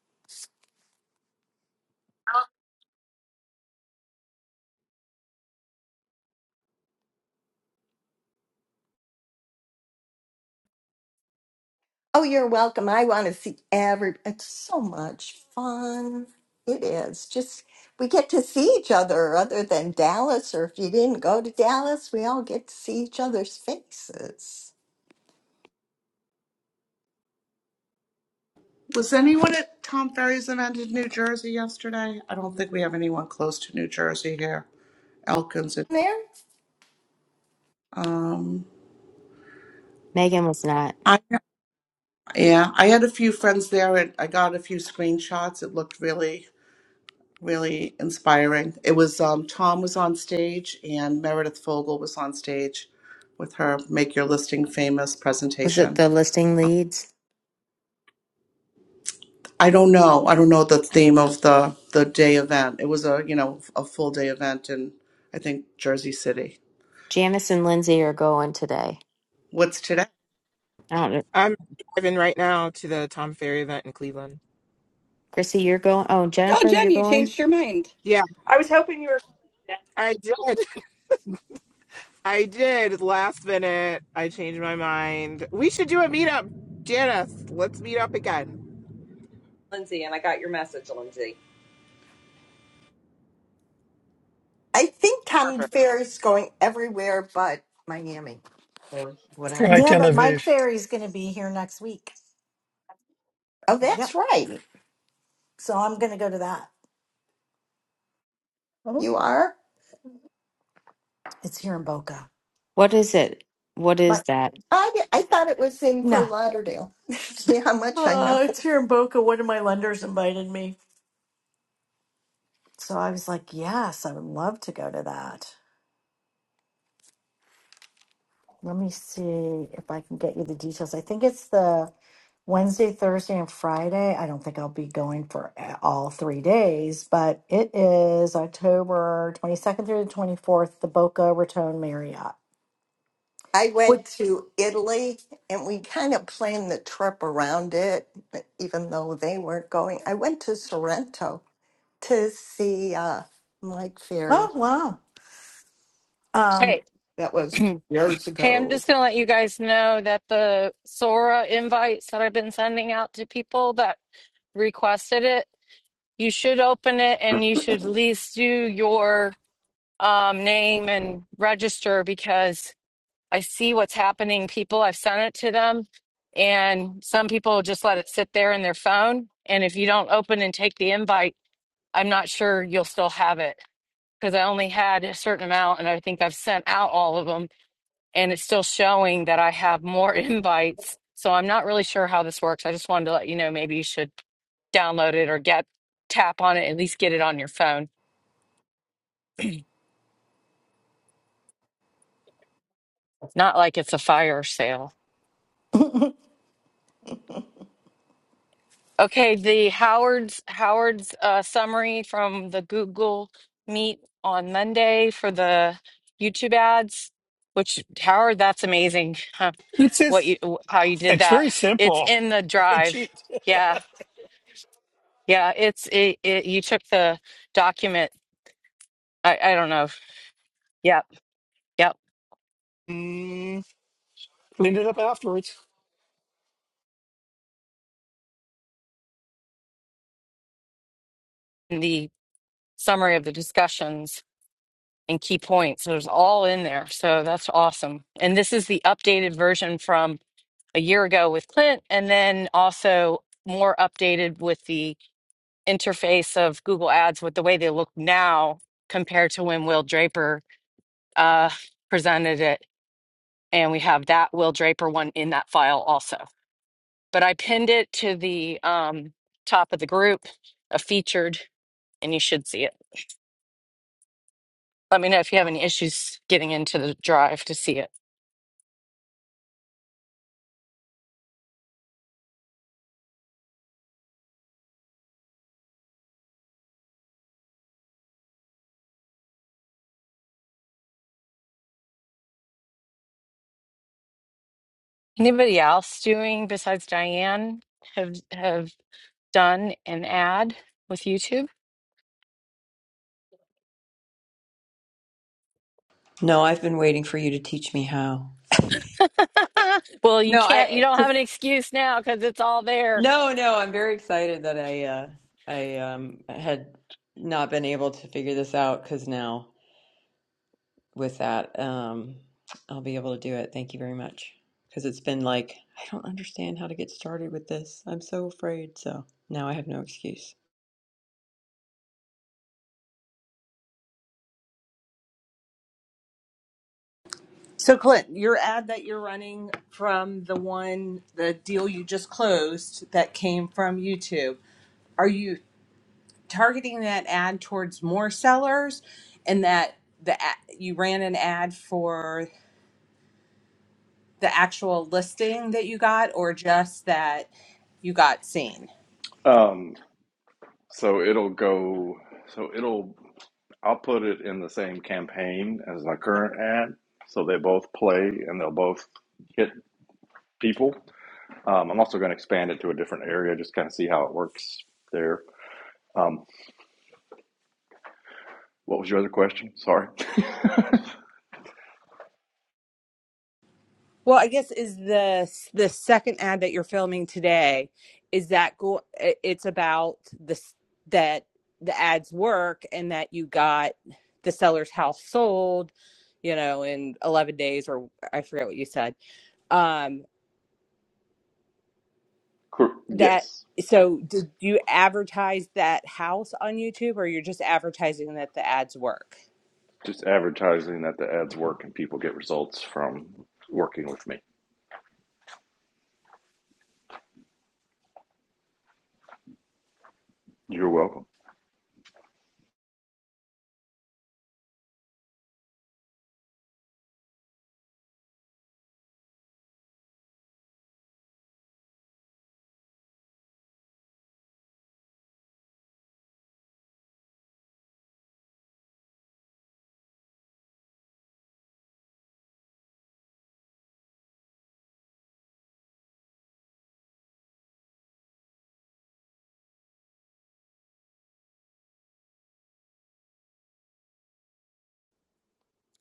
[SPEAKER 8] Oh, you're welcome. I want to see every. It's so much fun. It is. Just we get to see each other other than Dallas, or if you didn't go to Dallas, we all get to see each other's faces.
[SPEAKER 14] Was anyone at Tom Ferry's event in New Jersey yesterday? I don't think we have anyone close to New Jersey here. Elkins. and-
[SPEAKER 8] There.
[SPEAKER 14] Um,
[SPEAKER 1] Megan was not.
[SPEAKER 14] I yeah, I had a few friends there, and I got a few screenshots. It looked really, really inspiring. It was um, Tom was on stage, and Meredith Fogel was on stage with her "Make Your Listing Famous"
[SPEAKER 1] Was it
[SPEAKER 14] presentation.
[SPEAKER 1] the listing leads?
[SPEAKER 14] I don't know. I don't know the theme of the the day event. It was a you know a full day event in I think Jersey City.
[SPEAKER 1] Janice and Lindsay are going today.
[SPEAKER 14] What's today?
[SPEAKER 1] I don't know.
[SPEAKER 16] I'm driving right now to the Tom Ferry event in Cleveland.
[SPEAKER 1] Chrissy, you're going. Oh,
[SPEAKER 5] Oh,
[SPEAKER 1] Jennifer, you're
[SPEAKER 5] Jen, you
[SPEAKER 1] going.
[SPEAKER 5] changed your mind.
[SPEAKER 16] Yeah,
[SPEAKER 4] I was hoping you were
[SPEAKER 16] I did. I did. Last minute, I changed my mind. We should do a meetup, Janice. Let's meet up again.
[SPEAKER 4] Lindsay, and I got your message, Lindsay.
[SPEAKER 8] I think Tom
[SPEAKER 16] Perfect.
[SPEAKER 8] Fair is going everywhere but Miami or
[SPEAKER 3] Try
[SPEAKER 8] whatever.
[SPEAKER 6] Yeah,
[SPEAKER 3] Tel
[SPEAKER 6] but Mike
[SPEAKER 3] Aviv.
[SPEAKER 6] Ferry's going to be here next week.
[SPEAKER 8] Oh, that's
[SPEAKER 6] Yep.
[SPEAKER 8] right.
[SPEAKER 6] So I'm going to go to that. oh,
[SPEAKER 8] You are?
[SPEAKER 6] It's here in Boca.
[SPEAKER 1] What is it? What is
[SPEAKER 6] But
[SPEAKER 1] that?
[SPEAKER 8] I, I thought it was in
[SPEAKER 6] no,
[SPEAKER 8] Fort Lauderdale. see how much I know.
[SPEAKER 6] uh, it's here in Boca. One of my lenders invited me. So I was like, yes, I would love to go to that. Let me see if I can get you the details. I think it's the Wednesday, Thursday, and Friday. I don't think I'll be going for a- all three days, but it is October 22nd through the 24th, the Boca Raton Marriott.
[SPEAKER 8] I
[SPEAKER 6] Which,
[SPEAKER 8] went to Italy and we kind of planned the trip around it, even though they weren't going. I went to Sorrento to see uh, Mike Ferry.
[SPEAKER 6] oh, wow. Um,
[SPEAKER 2] Hey,
[SPEAKER 8] That was
[SPEAKER 2] hey,
[SPEAKER 8] years
[SPEAKER 2] I'm
[SPEAKER 8] ago.
[SPEAKER 2] just gonna let you guys know that the Sora invites that I've been sending out to people that requested it you should open it and you should at least do your um, name and register because I see what's happening. People, I've sent it to them, and some people just let it sit there in their phone. And if you don't open and take the invite, I'm not sure you'll still have it because I only had a certain amount, and I think I've sent out all of them, and it's still showing that I have more invites. So I'm not really sure how this works. I just wanted to let you know maybe you should download it or get tap on it, at least get it on your phone Not like it's a fire sale. Okay, the Howard's Howard's uh, summary from the Google Meet on Monday for the YouTube ads, which Howard, that's amazing. huh,
[SPEAKER 3] It's
[SPEAKER 2] What
[SPEAKER 3] just,
[SPEAKER 2] you wh- how you did
[SPEAKER 3] it's
[SPEAKER 2] that?
[SPEAKER 3] very
[SPEAKER 2] It's
[SPEAKER 3] simple.
[SPEAKER 2] in the
[SPEAKER 3] I
[SPEAKER 2] drive.
[SPEAKER 3] cheat.
[SPEAKER 2] Yeah, yeah. It's it. it you took the document. I I don't know. Yep, yep.
[SPEAKER 3] Mm, cleaned it up afterwards.
[SPEAKER 2] And the summary of the discussions and key points. It was all in there. So that's awesome. And this is the updated version from a year ago with Clint, and then also more updated with the interface of Google Ads with the way they look now compared to when Will Draper uh, presented it. And we have that Will Draper one in that file also. But I pinned it to the um, top of the group, a featured, and you should see it. Let me know if you have any issues getting into the drive to see it. Anybody else doing besides Diane have have done an ad with YouTube?
[SPEAKER 17] No, I've been waiting for you to teach me how.
[SPEAKER 2] well, you
[SPEAKER 17] No,
[SPEAKER 2] can't. You
[SPEAKER 17] I
[SPEAKER 2] don't have
[SPEAKER 17] cause,
[SPEAKER 2] an excuse now because it's all there.
[SPEAKER 17] no, no, I'm very excited that I uh I um had not been able to figure this out because now with that um I'll be able to do it. Thank you very much. Because it's been like I don't understand how to get started with this. I'm so afraid. So now I have no excuse.
[SPEAKER 4] So, Clint, your ad that you're running from the one, the deal you just closed that came from YouTube, are you targeting that ad towards more sellers and that the a- you ran an ad for the actual listing that you got or just that you got seen?
[SPEAKER 10] Um, so it'll go. So it'll. I'll put it in the same campaign as my current ad, so they both play and they'll both hit people. Um, I'm also going to expand it to a different area, just kind of see how it works there. Um, what was your other question? Sorry.
[SPEAKER 4] Well, I guess is the the second ad that you're filming today is that go it's about this that the ads work and that you got the seller's house sold, you know, in 11 days or I forget what you said. Um that
[SPEAKER 10] Yes,
[SPEAKER 4] so did you advertise that house on YouTube or you're just advertising that the ads work?
[SPEAKER 10] just advertising that the ads work and people get results from working with me. You're welcome.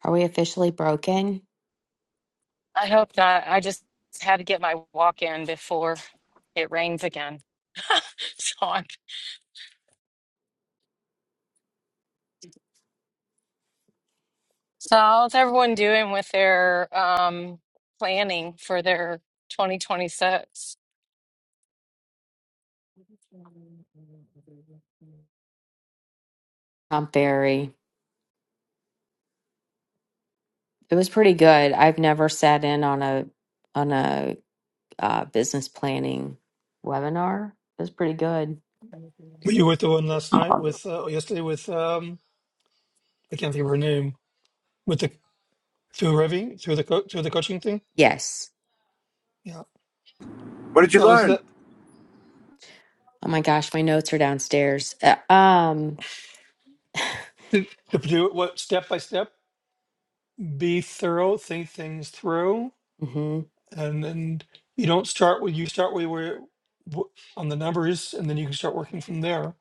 [SPEAKER 1] Are we officially broken?
[SPEAKER 2] I hope not. I just had to get my walk in before it rains again, so I'm. So, how's everyone doing with their um, planning for their 2026?
[SPEAKER 1] Not very. It was pretty good. I've never sat in on a on a uh, business planning webinar. It was pretty good.
[SPEAKER 3] Were you with the one last night
[SPEAKER 17] Aw.
[SPEAKER 3] with, uh, yesterday with, um, I can't think of her name, with the, through Revi, through the, co- through the coaching thing?
[SPEAKER 1] Yes.
[SPEAKER 3] Yeah.
[SPEAKER 15] What,
[SPEAKER 3] That was
[SPEAKER 15] did-
[SPEAKER 3] the,
[SPEAKER 1] Oh my gosh, my notes are downstairs. Uh, um,
[SPEAKER 3] to, to do it what, step by step, be thorough, think things through.
[SPEAKER 1] mhm.
[SPEAKER 3] And then you don't start with, you start with where, wh- on the numbers, and then you can start working from there,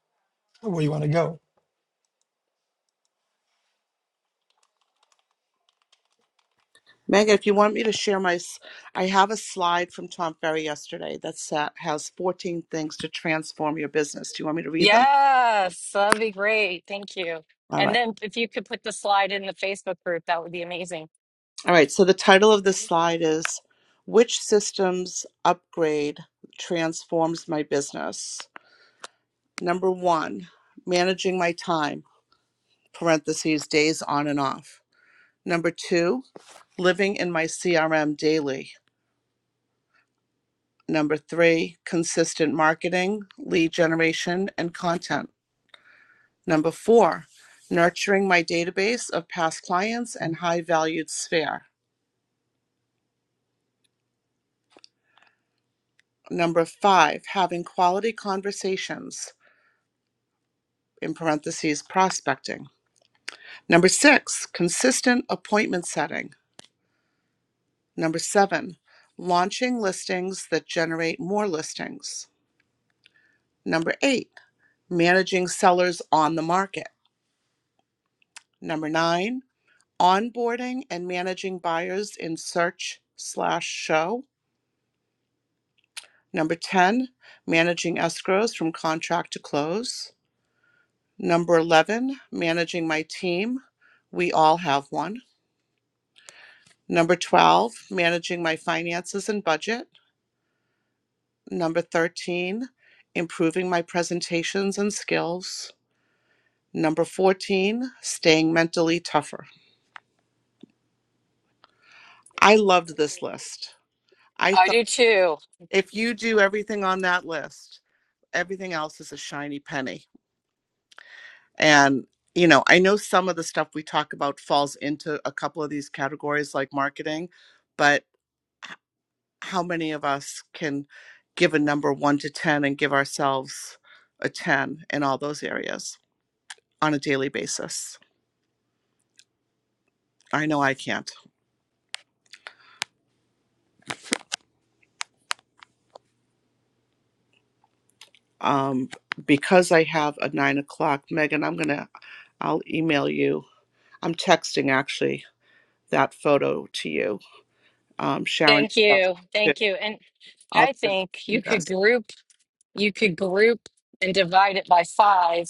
[SPEAKER 3] where you want to go.
[SPEAKER 14] Mega, if you want me to share my, s- I have a slide from Tom Ferry yesterday that sa- has 14 things to transform your business. Do you want me to read them?
[SPEAKER 2] Yes, that'd be great. Thank you.
[SPEAKER 14] All
[SPEAKER 2] And
[SPEAKER 14] right.
[SPEAKER 2] then, if you could put the slide in the Facebook group, that would be amazing.
[SPEAKER 14] All right. So the title of this slide is Which Systems Upgrade Transforms My Business? Number one, managing my time, parentheses, days on and off. Number two, living in my CRM daily. Number three, consistent marketing, lead generation, and content. Number four, nurturing my database of past clients and high valued sphere. Number five, having quality conversations, in parentheses, prospecting. Number six, consistent appointment setting. Number seven, launching listings that generate more listings. Number eight, managing sellers on the market. Number nine, onboarding and managing buyers in search slash show. Number 10, managing escrows from contract to close. Number 11, managing my team. We all have one. Number 12, managing my finances and budget. Number 13, improving my presentations and skills. Number 14, staying mentally tougher. I loved this list. I
[SPEAKER 2] I
[SPEAKER 14] thought
[SPEAKER 2] do too.
[SPEAKER 14] if you do everything on that list, everything else is a shiny penny. And, you know, I know some of the stuff we talk about falls into a couple of these categories like marketing, but how many of us can give a number one to 10 and give ourselves a 10 in all those areas on a daily basis? I know I can't. Um, because I have a nine o'clock, Megan, I'm going to, I'll email you. I'm texting actually that photo to you. Um, Sharon,
[SPEAKER 2] Thank you. Thank you. And
[SPEAKER 14] I'll
[SPEAKER 2] I
[SPEAKER 14] text
[SPEAKER 2] think you
[SPEAKER 14] you
[SPEAKER 2] could
[SPEAKER 14] guys.
[SPEAKER 2] group, you could group and divide it by five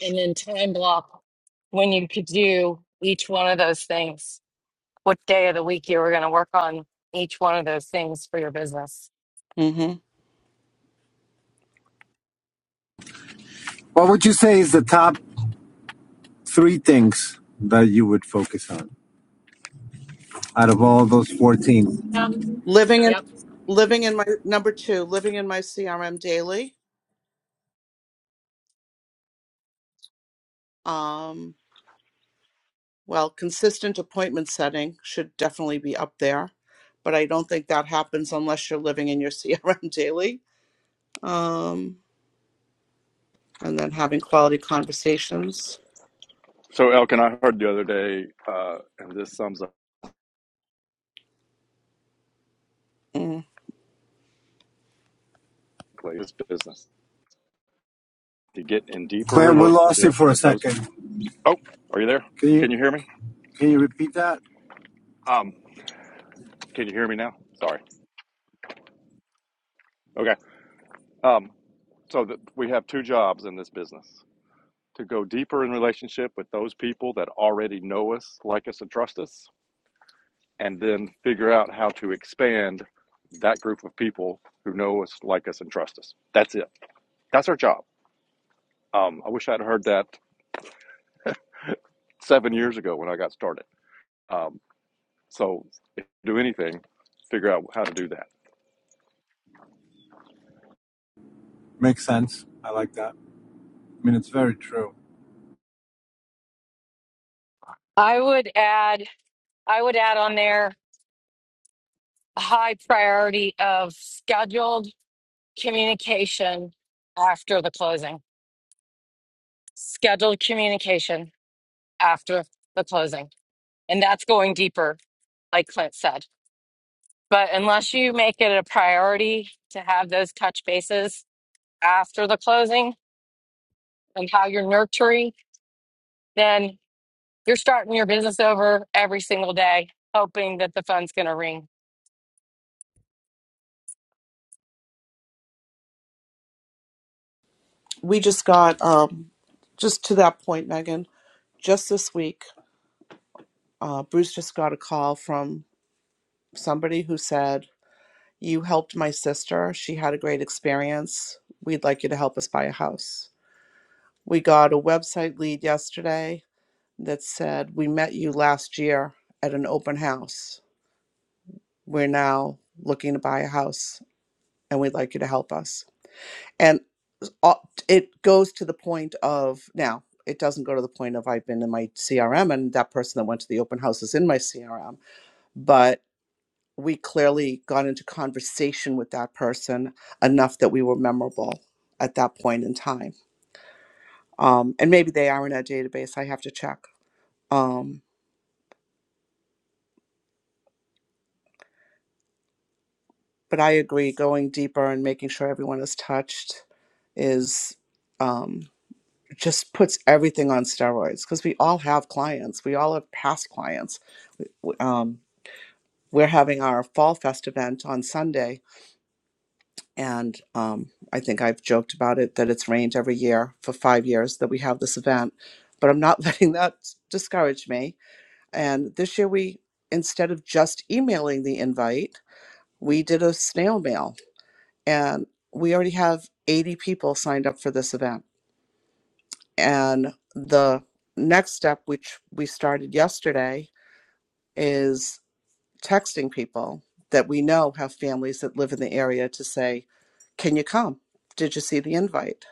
[SPEAKER 2] and then time block when you could do each one of those things. what day of the week you were going to work on each one of those things for your business.
[SPEAKER 14] hmm
[SPEAKER 15] what would you say is the top three things that you would focus on out of all those 14?
[SPEAKER 2] Um,
[SPEAKER 14] Living
[SPEAKER 2] yep.
[SPEAKER 14] living in my number two living in my crm daily um well consistent appointment setting should definitely be up there but i don't think that happens unless you're living in your crm daily um and then having quality conversations
[SPEAKER 10] So, Elkin, I heard the other day, uh, and this sums up
[SPEAKER 14] Mm.
[SPEAKER 10] this business to get in deeper
[SPEAKER 15] Clem, we lost you
[SPEAKER 10] relationship
[SPEAKER 15] for a
[SPEAKER 10] with those.
[SPEAKER 15] second.
[SPEAKER 10] Oh, are you there?
[SPEAKER 15] Can you
[SPEAKER 10] Can you hear me?
[SPEAKER 15] can you repeat that?
[SPEAKER 10] Um, Can you hear me now? Sorry. Okay. Um, so th- we have two jobs in this business to go deeper in relationship with those people that already know us, like us, and trust us, and then figure out how to expand that group of people who know us, like us, and trust us. That's it. That's our job. Um, I wish I'd heard that seven years ago when I got started. Um, so if you do anything, figure out how to do that.
[SPEAKER 15] Makes sense. I like that. I mean, it's very true.
[SPEAKER 2] I would add, I would add on there a high priority of scheduled communication after the closing. Scheduled communication after the closing. And that's going deeper, like Clint said. But unless you make it a priority to have those touch bases after the closing and how you're nurturing, then You're starting your business over every single day, hoping that the phone's going to ring.
[SPEAKER 14] we just got um just to that point megan just this week uh bruce just got a call from somebody who said you helped my sister she had a great experience we'd like you to help us buy a house We got a website lead yesterday that said, We met you last year at an open house. We're now looking to buy a house and we'd like you to help us. And uh, it goes to the point of now, it doesn't go to the point of I've been in my CRM and that person that went to the open house is in my CRM, but we clearly got into conversation with that person enough that we were memorable at that point in time. Um, and maybe they are in our database. I have to check. Um, but I agree going deeper and making sure everyone is touched is um, just puts everything on steroids because we all have clients. We all have past clients. W- Um, we're having our Fall Fest event on Sunday, and um, I think I've joked about it that it's rained every year for five years that we have this event, but I'm not letting that s- discourage me. And this year, we instead of just emailing the invite, we did a snail mail and we already have 80 people signed up for this event. And the next step, which we started yesterday, is texting people that we know have families that live in the area to say, Can you come? Did you see the invite?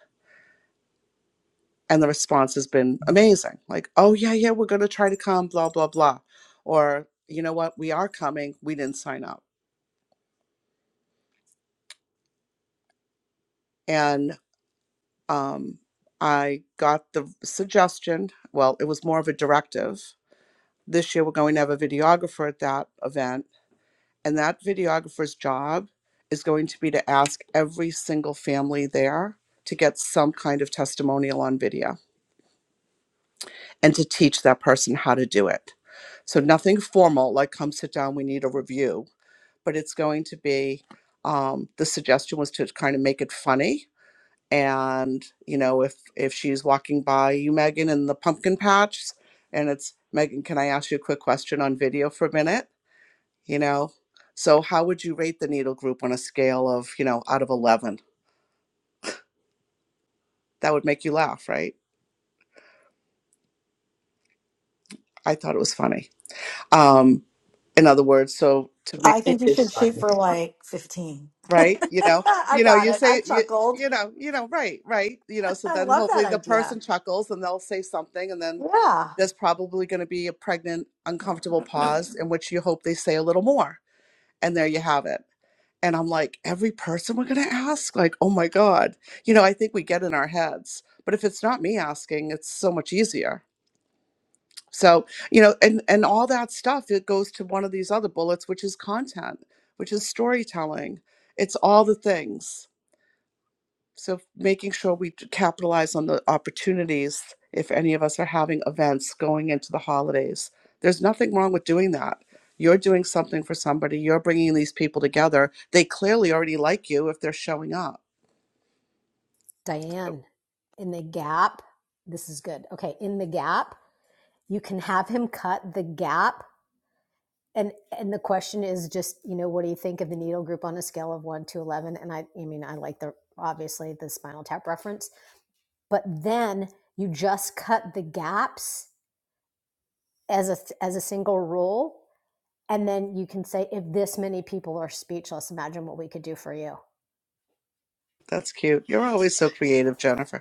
[SPEAKER 14] And the response has been amazing. Like, oh, yeah, yeah, we're going to try to come, blah, blah, blah. Or, you know what, we are coming. We didn't sign up. And um, I got the suggestion, well, it was more of a directive This year, we're going to have a videographer at that event, and that videographer's job is going to be to ask every single family there to get some kind of testimonial on video and to teach that person how to do it. So, nothing formal like come sit down, we need a review, but it's going to be um, the suggestion was to kind of make it funny and you know if if she's walking by you megan in the pumpkin patch and it's megan can i ask you a quick question on video for a minute you know so how would you rate the needle group on a scale of you know out of 11 that would make you laugh right i thought it was funny um in other words so to make
[SPEAKER 6] I think you should shoot for like 15.
[SPEAKER 14] right you know
[SPEAKER 6] I
[SPEAKER 14] you know
[SPEAKER 6] got
[SPEAKER 14] you
[SPEAKER 6] it. I
[SPEAKER 14] say you
[SPEAKER 6] chuckled.
[SPEAKER 14] you know you know right right you know so
[SPEAKER 6] I
[SPEAKER 14] then
[SPEAKER 6] love that
[SPEAKER 14] hopefully the
[SPEAKER 6] idea.
[SPEAKER 14] person chuckles and they'll say something and then
[SPEAKER 6] Yeah.
[SPEAKER 14] there's probably going to be a pregnant uncomfortable pause in which you hope they say a little more and there you have it And I'm like, every person we're going to ask? Like, oh my God. You know, I think we get in our heads. But if it's not me asking, it's so much easier. So, you know, and and all that stuff it goes to one of these other bullets which is content, which is storytelling. It's all the things. So making sure we capitalize on the opportunities if any of us are having events going into the holidays. There's nothing wrong with doing that. You're doing something for somebody, you're bringing these people together. They clearly already like you if they're showing up.
[SPEAKER 18] Diane, in the gap, this is good. Okay, in the gap, you can have him cut the gap. And and the question is just, you know, what do you think of the needle group on a scale of one to eleven? And I I mean I like the obviously the spinal tap reference, but then you just cut the gaps as a as a single rule. And then you can say, if this many people are speechless, imagine what we could do for you.
[SPEAKER 14] That's cute. You're always so creative, Jennifer.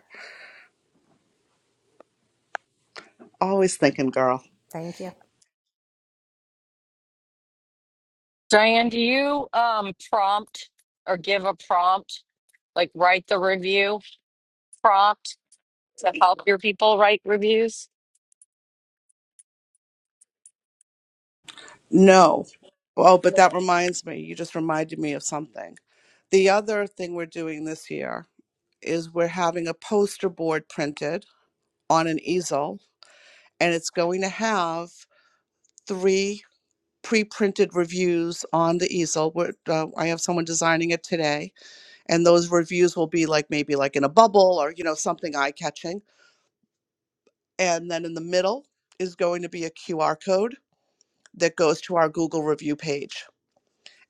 [SPEAKER 14] Always thinking, girl.
[SPEAKER 18] Thank you.
[SPEAKER 2] Diane, do you um, prompt or give a prompt, like write the review prompt to help your people write reviews?
[SPEAKER 14] No. Oh, but that reminds me. You just reminded me of something. The other thing we're doing this year is we're having a poster board printed on an easel, and it's going to have three pre printed reviews on the easel. We're, uh, I have someone designing it today, and those reviews will be like maybe like in a bubble or, you know, something eye catching. And then in the middle is going to be a QR code that goes to our Google review page.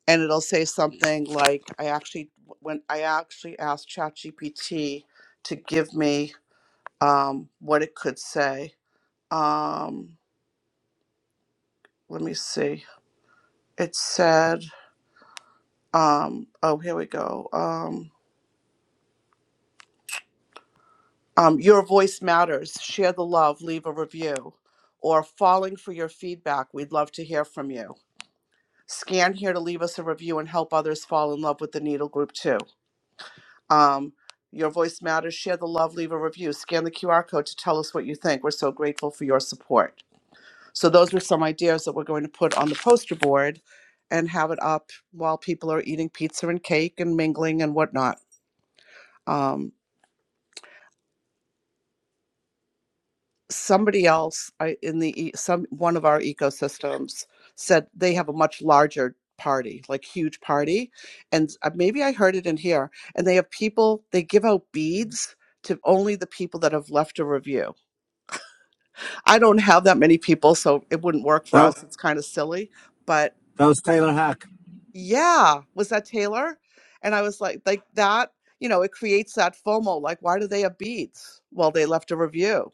[SPEAKER 14] and it'll say something like i actually when i actually asked chatgpt to give me um, what it could say um, let me see it said um, oh here we go um, um, your voice matters share the love leave a review or falling for your feedback we'd love to hear from you scan here to leave us a review and help others fall in love with the needle group too Um, your voice matters. Share the love, leave a review, scan the QR code to tell us what you think. We're so grateful for your support. So, those are some ideas that we're going to put on the poster board and have it up while people are eating pizza and cake and mingling and whatnot. Um, somebody else I- in the e- some one of our ecosystems said they have a much larger party, like huge party, and uh, maybe I heard it in here. And they have people they give out beads to only the people that have left a review I don't have that many people, so it wouldn't work for
[SPEAKER 15] That
[SPEAKER 14] us. It's kind of silly, but
[SPEAKER 15] that was
[SPEAKER 14] th-
[SPEAKER 15] Taylor Hack.
[SPEAKER 14] yeah, was that Taylor? And I was like, like that, you know, it creates that FOMO. Like, why do they have beads? Well, they left a review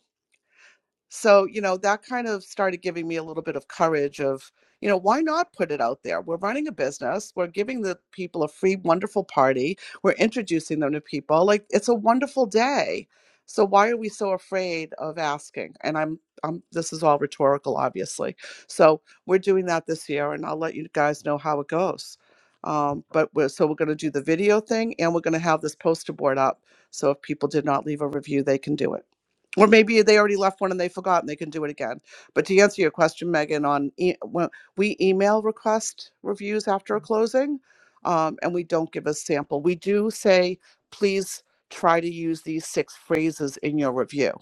[SPEAKER 14] so you know that kind of started giving me a little bit of courage of you know why not put it out there we're running a business we're giving the people a free wonderful party we're introducing them to people like it's a wonderful day so why are we so afraid of asking and i'm um, this is all rhetorical obviously so we're doing that this year and i'll let you guys know how it goes um, but we're so we're going to do the video thing and we're going to have this poster board up so if people did not leave a review they can do it or maybe they already left one and they forgot and they can do it again. But to answer your question, Megan, on e- when we email request reviews after a closing, um, and we don't give a sample. We do say, please try to use these six phrases in your review,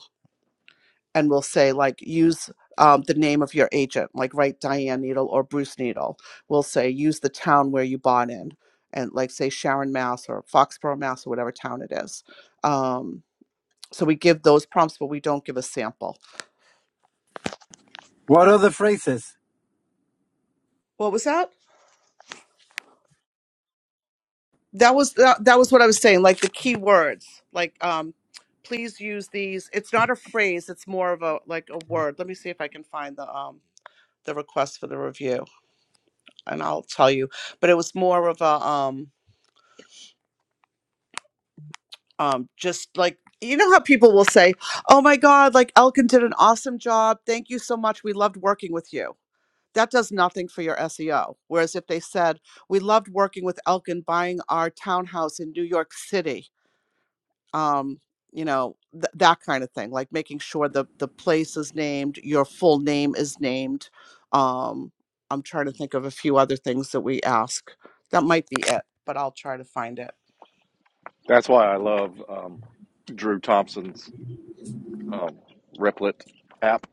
[SPEAKER 14] and we'll say like use. Um, the name of your agent, like write Diane Needle or Bruce Needle. We'll say use the town where you bought in, and like say Sharon, Mass, or Foxborough, Mass, or whatever town it is. Um, so we give those prompts, but we don't give a sample
[SPEAKER 15] What other phrases,
[SPEAKER 14] What was that? That was that, that was what I was saying. Like the key words. Like um, please use these. It's not a phrase. It's more of a like a word. Let me see if I can find the um the request for the review, and I'll tell you. But it was more of a um um just like you know how people will say, "Oh my God, like Elkin did an awesome job. Thank you so much. We loved working with you." That does nothing for your SEO. Whereas if they said, "We loved working with Elkin buying our townhouse in New York City," um you know th- that kind of thing like making sure the the place is named your full name is named um i'm trying to think of a few other things that we ask that might be it but i'll try to find it
[SPEAKER 10] That's why I love um, Drew Thompson's um, Replit app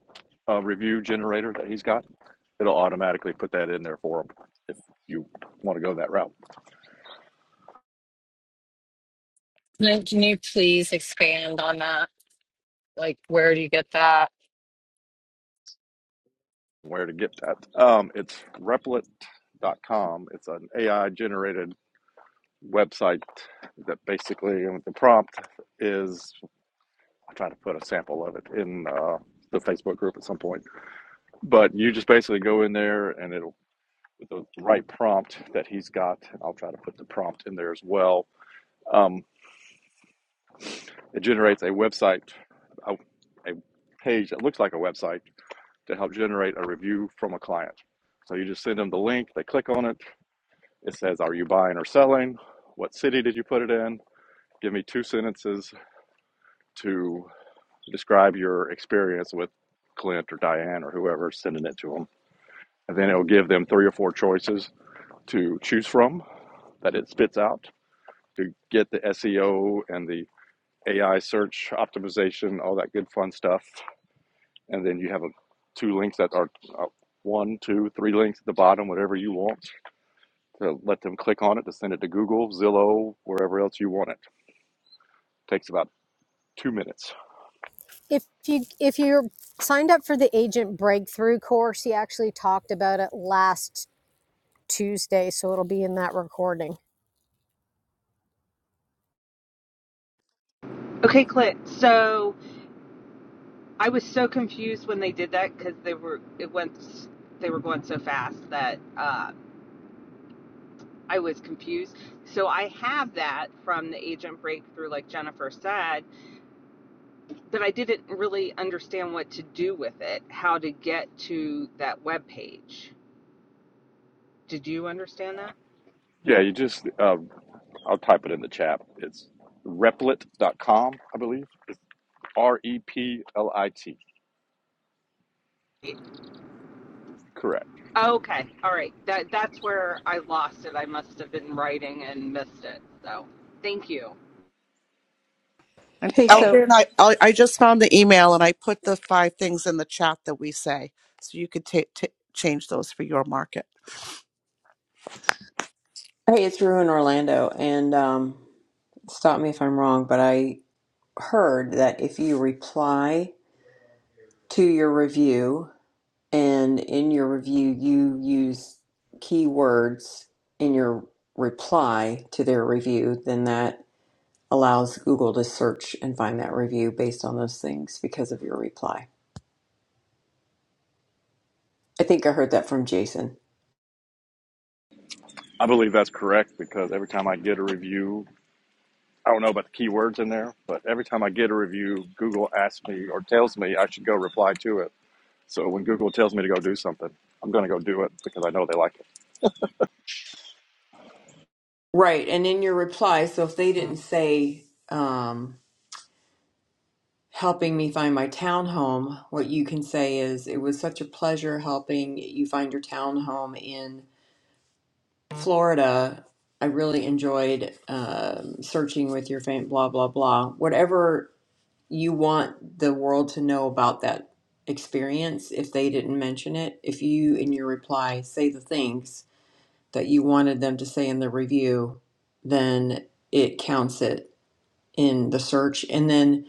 [SPEAKER 10] uh, review generator that he's got. It'll automatically put that in there for him if you want to go that route.
[SPEAKER 2] Can can you please expand on that? Like, where do you get that?
[SPEAKER 10] Where to get that? Um, it's Replit.com. It's an AI generated website that basically and the prompt is I'll try to put a sample of it in uh, the Facebook group at some point. But you just basically go in there and it'll the right prompt that he's got. and I'll try to put the prompt in there as well. Um, it generates a website, a, a page that looks like a website to help generate a review from a client. So you just send them the link. They click on it. It says, "Are you buying or selling? What city did you put it in? Give me two sentences to describe your experience with Clint or Diane or whoever sending it to them." And then it'll give them three or four choices to choose from that it spits out to get the SEO and the AI search optimization, all that good fun stuff. And then you have a, two links that are uh, one, two, three links at the bottom, whatever you want to let them click on it to send it to Google, Zillow, wherever else you want it. Takes about two minutes.
[SPEAKER 18] if you if you're signed up for the agent breakthrough course he actually talked about it last tuesday so it'll be in that recording
[SPEAKER 4] Okay, Clint. So I was so confused when they did that because they were it went they were going so fast that uh, I was confused. So I have that from the agent breakthrough, like Jennifer said, but I didn't really understand what to do with it, how to get to that web page. Did you understand that?
[SPEAKER 10] Yeah, you just, uh, I'll type it in the chat. It's replit.com, I believe. It's R E P L I T. Correct.
[SPEAKER 4] Oh, Okay, all right. That that's where I lost it. I must have been writing and missed it. So, thank you.
[SPEAKER 14] And
[SPEAKER 17] Hey,
[SPEAKER 10] Um,
[SPEAKER 17] so
[SPEAKER 14] Elgin, I, I I just found the email and I put the five things in the chat that we say, so you could ta ta- change those for your market.
[SPEAKER 17] hey, it's Rue in Orlando, and um, stop me if I'm wrong, but I heard that if you reply to your review. And in your review, you use keywords in your reply to their review, then that allows Google to search and find that review based on those things because of your reply. I think I heard that from Jason.
[SPEAKER 10] I believe that's correct because every time I get a review, I don't know about the keywords in there, but every time I get a review, Google asks me or tells me I should go reply to it. So when Google tells me to go do something, I'm going to go do it because I know they like
[SPEAKER 17] Right. And in your reply, so if they didn't say, um, helping me find my townhome, what you can say is, it was such a pleasure helping you find your townhome in Florida, I really enjoyed um, searching with your fam. Blah blah blah. Whatever you want the world to know about that experience, if they didn't mention it, if you in your reply say the things that you wanted them to say in the review, then it counts it in the search. And then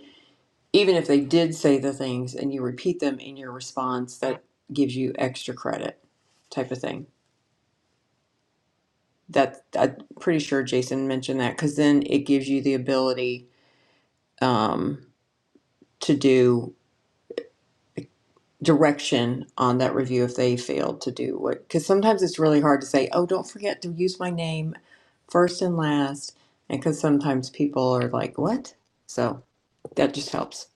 [SPEAKER 17] even if they did say the things and you repeat them in your response, that gives you extra credit, type of thing. That I'm pretty sure Jason mentioned that because then it gives you the ability um, to do direction on that review if they failed to do what. Because sometimes it's really hard to say, oh, don't forget to use my name first and last, and because sometimes people are like, what? So that just helps.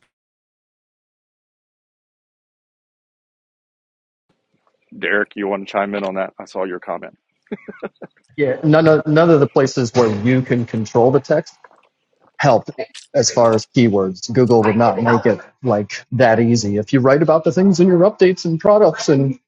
[SPEAKER 10] it. Derek, you want to chime in on that? I saw your comment.
[SPEAKER 19] Yeah, none of none of the places where you can control the text help as far as keywords. Google would not make it like that easy. If you write about the things in your updates and products and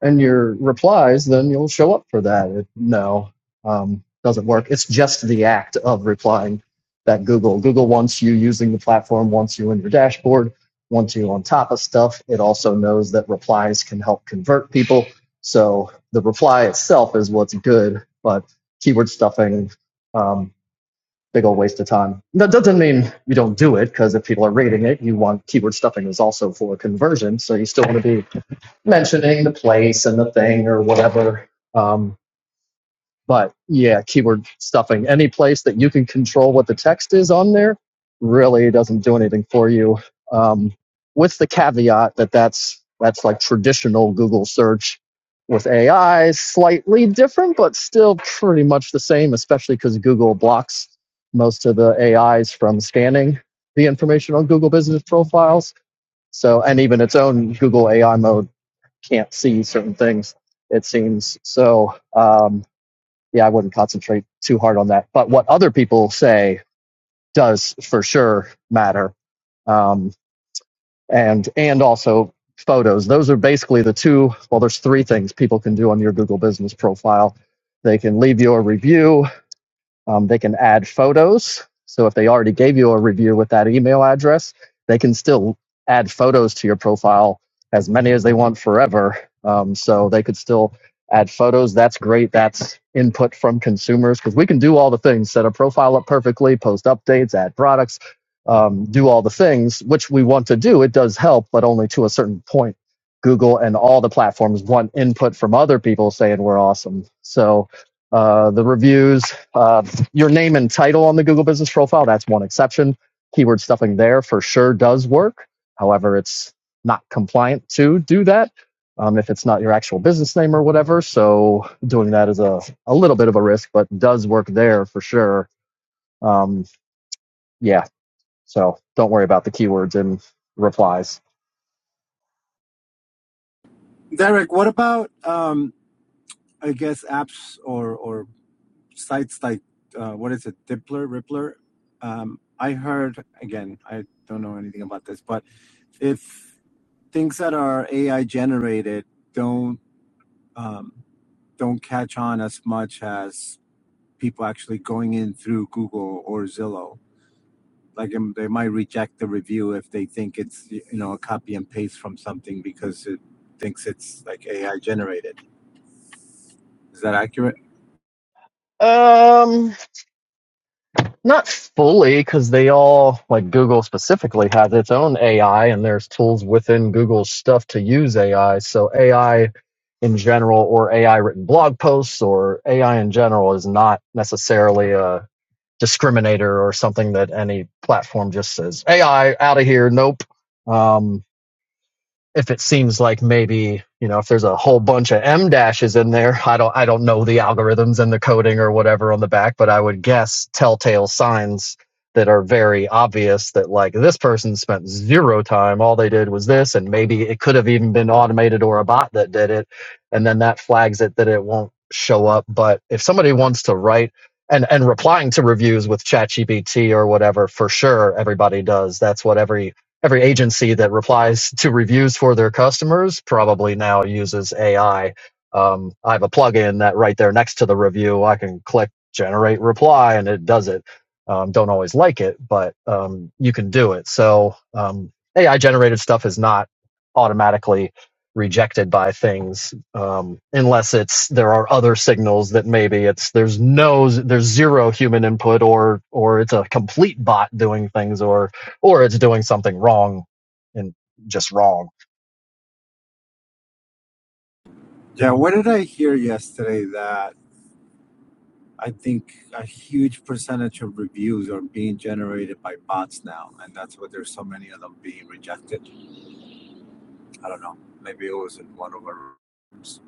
[SPEAKER 19] and your replies, then you'll show up for that. It, no, um, doesn't work. It's just the act of replying that Google. Google wants you using the platform, wants you in your dashboard, wants you on top of stuff. It also knows that replies can help convert people. So the reply itself is what's good, but keyword stuffing. Um, big old waste of time. That doesn't mean you don't do it, because if people are reading it, you want keyword stuffing is also for conversion, so you still want to be mentioning the place and the thing or whatever. Um, but yeah, keyword stuffing. Any place that you can control what the text is on there really doesn't do anything for you. Um, with the caveat that that's that's like traditional Google search with AI, slightly different, but still pretty much the same. Especially because Google blocks most of the AIs from scanning the information on Google Business profiles. So, and even its own Google AI mode can't see certain things. It seems so. Um, yeah, I wouldn't concentrate too hard on that. But what other people say does for sure matter. Um, and, and also photos. Those are basically the two, well, there's three things people can do on your Google business profile. They can leave you a review um, they can add photos. So if they already gave you a review with that email address, they can still add photos to your profile as many as they want forever. Um, so they could still add photos. That's great. That's input from consumers because we can do all the things set a profile up perfectly, post updates, add products, um, do all the things which we want to do. It does help, but only to a certain point. Google and all the platforms want input from other people saying we're awesome. So uh, the reviews, uh, your name and title on the Google business profile. That's one exception. Keyword stuffing there for sure does work. However, it's not compliant to do that um, if it's not your actual business name or whatever. So doing that is a, a little bit of a risk, but does work there for sure. Um, yeah. So don't worry about the keywords and replies.
[SPEAKER 15] Derek? What about um, I guess apps or or sites like uh, what is it, Dippler, Rippler? Um, I heard again. I don't know anything about this, but if things that are AI generated don't um, don't catch on as much as people actually going in through Google or Zillow, like um, they might reject the review if they think it's you know a copy and paste from something because it thinks it's like AI generated. Is that accurate?
[SPEAKER 19] Um, Not fully, because they all, like Google specifically, has its own AI, and there's tools within Google's stuff to use AI. So AI in general, or AI written blog posts, or AI in general, is not necessarily a discriminator or something that any platform just says AI out of here. Nope. Um, if it seems like maybe you know if there's a whole bunch of m dashes in there i don't i don't know the algorithms and the coding or whatever on the back but i would guess telltale signs that are very obvious that like this person spent zero time all they did was this and maybe it could have even been automated or a bot that did it and then that flags it that it won't show up but if somebody wants to write and and replying to reviews with ChatGPT or whatever for sure everybody does that's what every every agency that replies to reviews for their customers probably now uses AI. Um, I have a plugin that right there next to the review, I can click generate reply and it does it. Um, don't always like it, but um, you can do it. So um, AI generated stuff is not automatically rejected by things um, unless it's there are other signals that maybe it's there's no there's zero human input or or it's a complete bot doing things or or it's doing something wrong and just wrong.
[SPEAKER 15] Yeah. What did I hear yesterday that I think a huge percentage of reviews are being generated by bots now, and that's why there's so many of them being rejected. I don't know. Maybe it was in one of our rooms.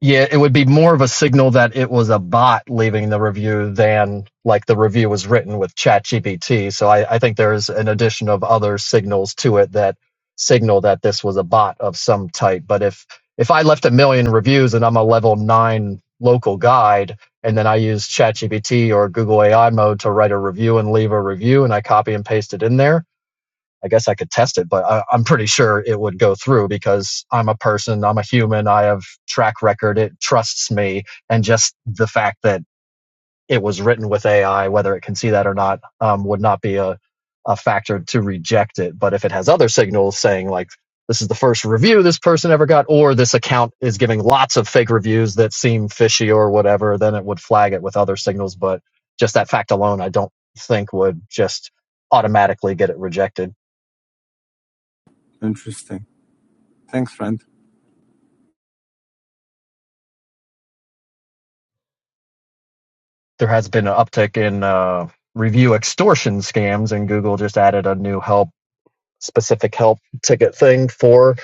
[SPEAKER 19] Yeah, it would be more of a signal that it was a bot leaving the review than like the review was written with ChatGPT. So I, I think there's an addition of other signals to it that signal that this was a bot of some type. But if if I left a million reviews and I'm a level nine local guide, and then I use ChatGPT or Google AI mode to write a review and leave a review, and I copy and paste it in there, I guess I could test it, but I, I'm pretty sure it would go through because I'm a person, I'm a human, I have track record, it trusts me, and just the fact that it was written with AI, whether it can see that or not, um, would not be a, a factor to reject it. But if it has other signals saying like this is the first review this person ever got, or this account is giving lots of fake reviews that seem fishy or whatever, then it would flag it with other signals. But just that fact alone, I don't think would just automatically get it rejected.
[SPEAKER 15] Interesting. Thanks, friend.
[SPEAKER 19] there has been an uptick in uh, review extortion scams, and Google just added a new help specific help ticket thing for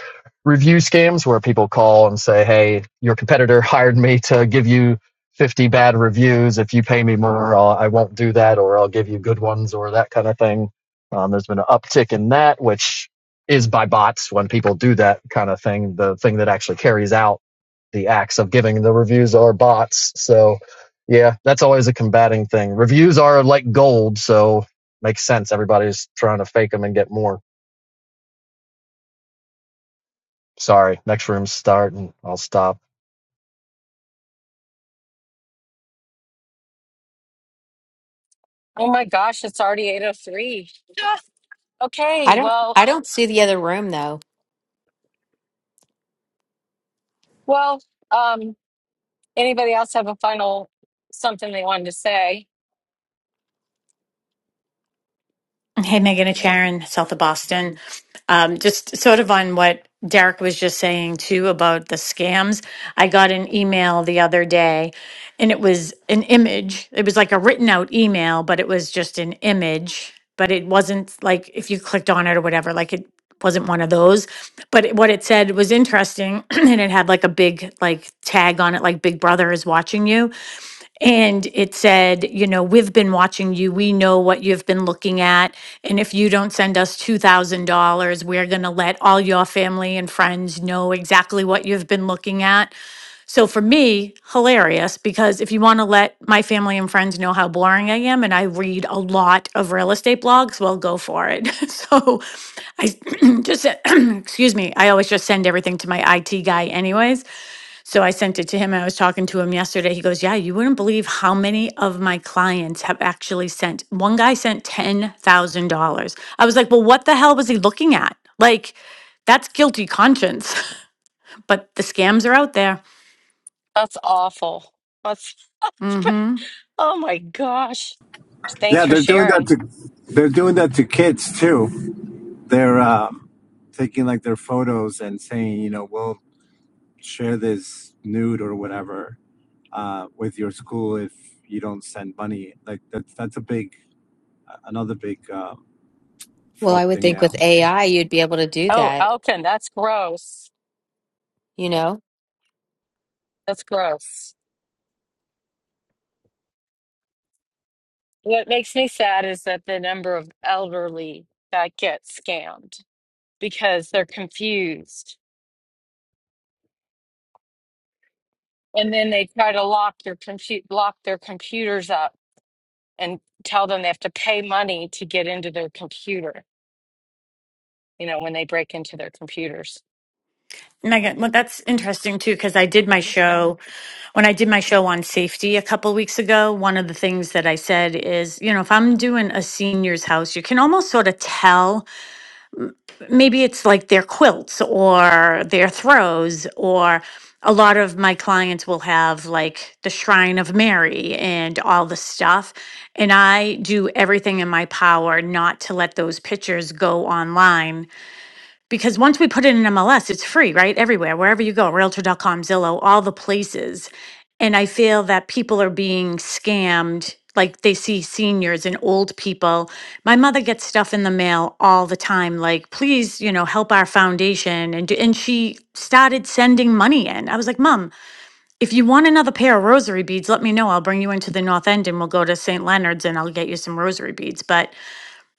[SPEAKER 19] review scams where people call and say, "Hey, your competitor hired me to give you 50 bad reviews. If you pay me more, I'll, I won't do that, or I'll give you good ones, or that kind of thing." Um, there's been an uptick in that, which is by bots when people do that kind of thing. The thing that actually carries out the acts of giving the reviews are bots. So, yeah, that's always a combating thing. Reviews are like gold, so makes sense. Everybody's trying to fake them and get more. Sorry, next room's starting. I'll stop.
[SPEAKER 2] Oh my gosh, it's already 8:03. Ah,
[SPEAKER 1] I
[SPEAKER 2] Okay,
[SPEAKER 1] don't,
[SPEAKER 2] well,
[SPEAKER 1] I don't see the other room though.
[SPEAKER 2] well, um, anybody else have a final something they wanted to say?
[SPEAKER 20] Hey, Megan, it's Sharon, south of Boston. Um, just sort of on what Derek was just saying too about the scams. I got an email the other day and it was an image. It was like a written out email, but it was just an image. But it wasn't like if you clicked on it or whatever, like it wasn't one of those. But it- what it said was interesting and it had like a big like tag on it, like Big Brother is watching you. And it said, you know, we've been watching you. We know what you've been looking at. And if you don't send us $2,000, we're going to let all your family and friends know exactly what you've been looking at. So for me, hilarious because if you want to let my family and friends know how boring I am and I read a lot of real estate blogs, well, go for it. so I just, sent- excuse me, I always just send everything to my IT guy, anyways. So I sent it to him. I was talking to him yesterday. He goes, Yeah, you wouldn't believe how many of my clients have actually sent. One guy sent $10,000. I was like, Well, what the hell was he looking at? Like, that's guilty conscience, but the scams are out there.
[SPEAKER 2] That's awful. That's
[SPEAKER 20] Mm hmm.
[SPEAKER 2] Oh my gosh. Thanks
[SPEAKER 15] Yeah,
[SPEAKER 2] for
[SPEAKER 15] they're doing that
[SPEAKER 2] sharing.
[SPEAKER 15] to they're doing that to kids too. they're um, taking like their photos and saying, you know, we'll share this nude or whatever uh, with your school if you don't send money. Like that's that's a big another big um,
[SPEAKER 1] Well,
[SPEAKER 15] fraud
[SPEAKER 1] I would
[SPEAKER 15] thing
[SPEAKER 1] think
[SPEAKER 15] now.
[SPEAKER 1] with AI, you'd be able to do
[SPEAKER 2] Oh,
[SPEAKER 1] that.
[SPEAKER 2] Elkin, that's gross.
[SPEAKER 1] You know,
[SPEAKER 2] That's gross. What makes me sad is that the number of elderly that get scammed because they're confused. And then they try to lock your compute lock their computers up and tell them they have to pay money to get into their computer, you know, when they break into their computers.
[SPEAKER 20] Megan, well, that's interesting too, because I did my show when I did my show on safety a couple weeks ago. One of the things that I said is, you know, if I'm doing a senior's house, you can almost sort of tell maybe it's like their quilts or their throws, or a lot of my clients will have like the Shrine of Mary and all the stuff. And I do everything in my power not to let those pictures go online because once we put it in MLS, it's free, right? Everywhere, wherever you go, Realtor. dot com, Zillow, all the places. And I feel that people are being scammed. Like they see seniors and old people. My mother gets stuff in the mail all the time, like, please, you know, help our foundation. And, do, and she started sending money in. I was like, Mom, if you want another pair of rosary beads, let me know. I'll bring you into the North End and we'll go to St. Leonard's and I'll get you some rosary beads. But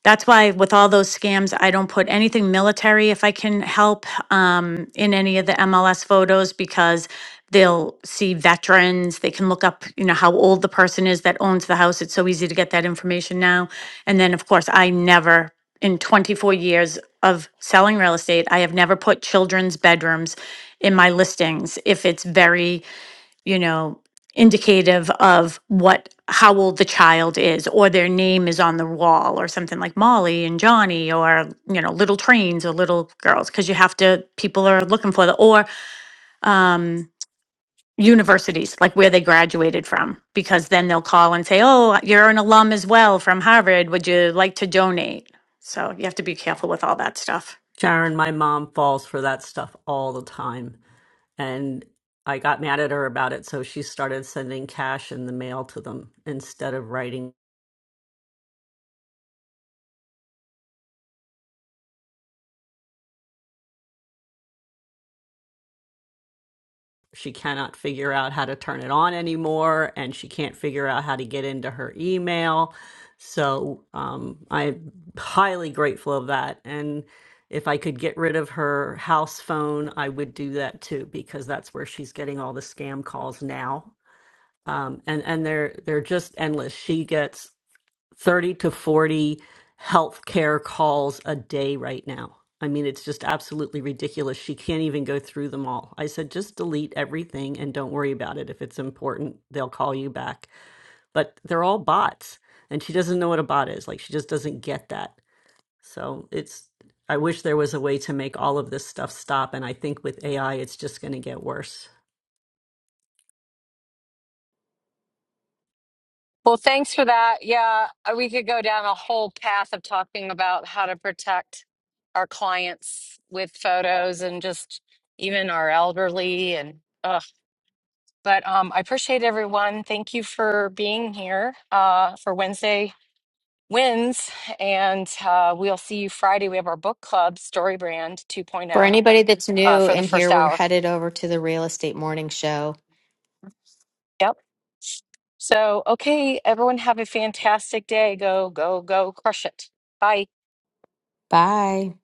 [SPEAKER 20] that's why with all those scams, I don't put anything military if I can help um, in any of the MLS photos because they'll see veterans. They can look up, you know, how old the person is that owns the house. It's so easy to get that information now. And then, of course, I never, in 24 years of selling real estate, I have never put children's bedrooms in my listings if it's very you know, indicative of what how old the child is or their name is on the wall or something like Molly and Johnny or you know little trains or little girls because you have to people are looking for the or um universities like where they graduated from because then they'll call and say oh you're an alum as well from Harvard would you like to donate so you have to be careful with all that stuff
[SPEAKER 7] Sharon my mom falls for that stuff all the time and I got mad at her about it, so she started sending cash in the mail to them instead of writing. She cannot figure out how to turn it on anymore, and she can't figure out how to get into her email. So um, I'm highly grateful of that. And if I could get rid of her house phone, I would do that too, because that's where she's getting all the scam calls now. Um, and and they're they're just endless. She gets 30 to 40 healthcare calls a day right now. I mean, it's just absolutely ridiculous. She can't even go through them all. I said, just delete everything and don't worry about it. If it's important, they'll call you back. But they're all bots. And she doesn't know what a bot is. Like, she just doesn't get that. So it's, I wish there was a way to make all of this stuff stop. And I think with AI, it's just going to get worse.
[SPEAKER 2] Well, thanks for that. Yeah, uh, we could go down a whole path of talking about how to protect our clients with photos and just even our elderly and ugh. But um, I appreciate everyone. Thank you for being here uh, for Wednesday wins, and uh, we'll see you Friday. We have our book club, Story Brand
[SPEAKER 1] for
[SPEAKER 2] 2.0,
[SPEAKER 1] anybody that's
[SPEAKER 2] uh,
[SPEAKER 1] new
[SPEAKER 2] for the
[SPEAKER 1] in
[SPEAKER 2] first
[SPEAKER 1] here, we're
[SPEAKER 2] hour.
[SPEAKER 1] headed over to the real estate morning show.
[SPEAKER 2] Yep. So, okay, everyone, have a fantastic day. Go, go, go, crush it. Bye.
[SPEAKER 1] Bye.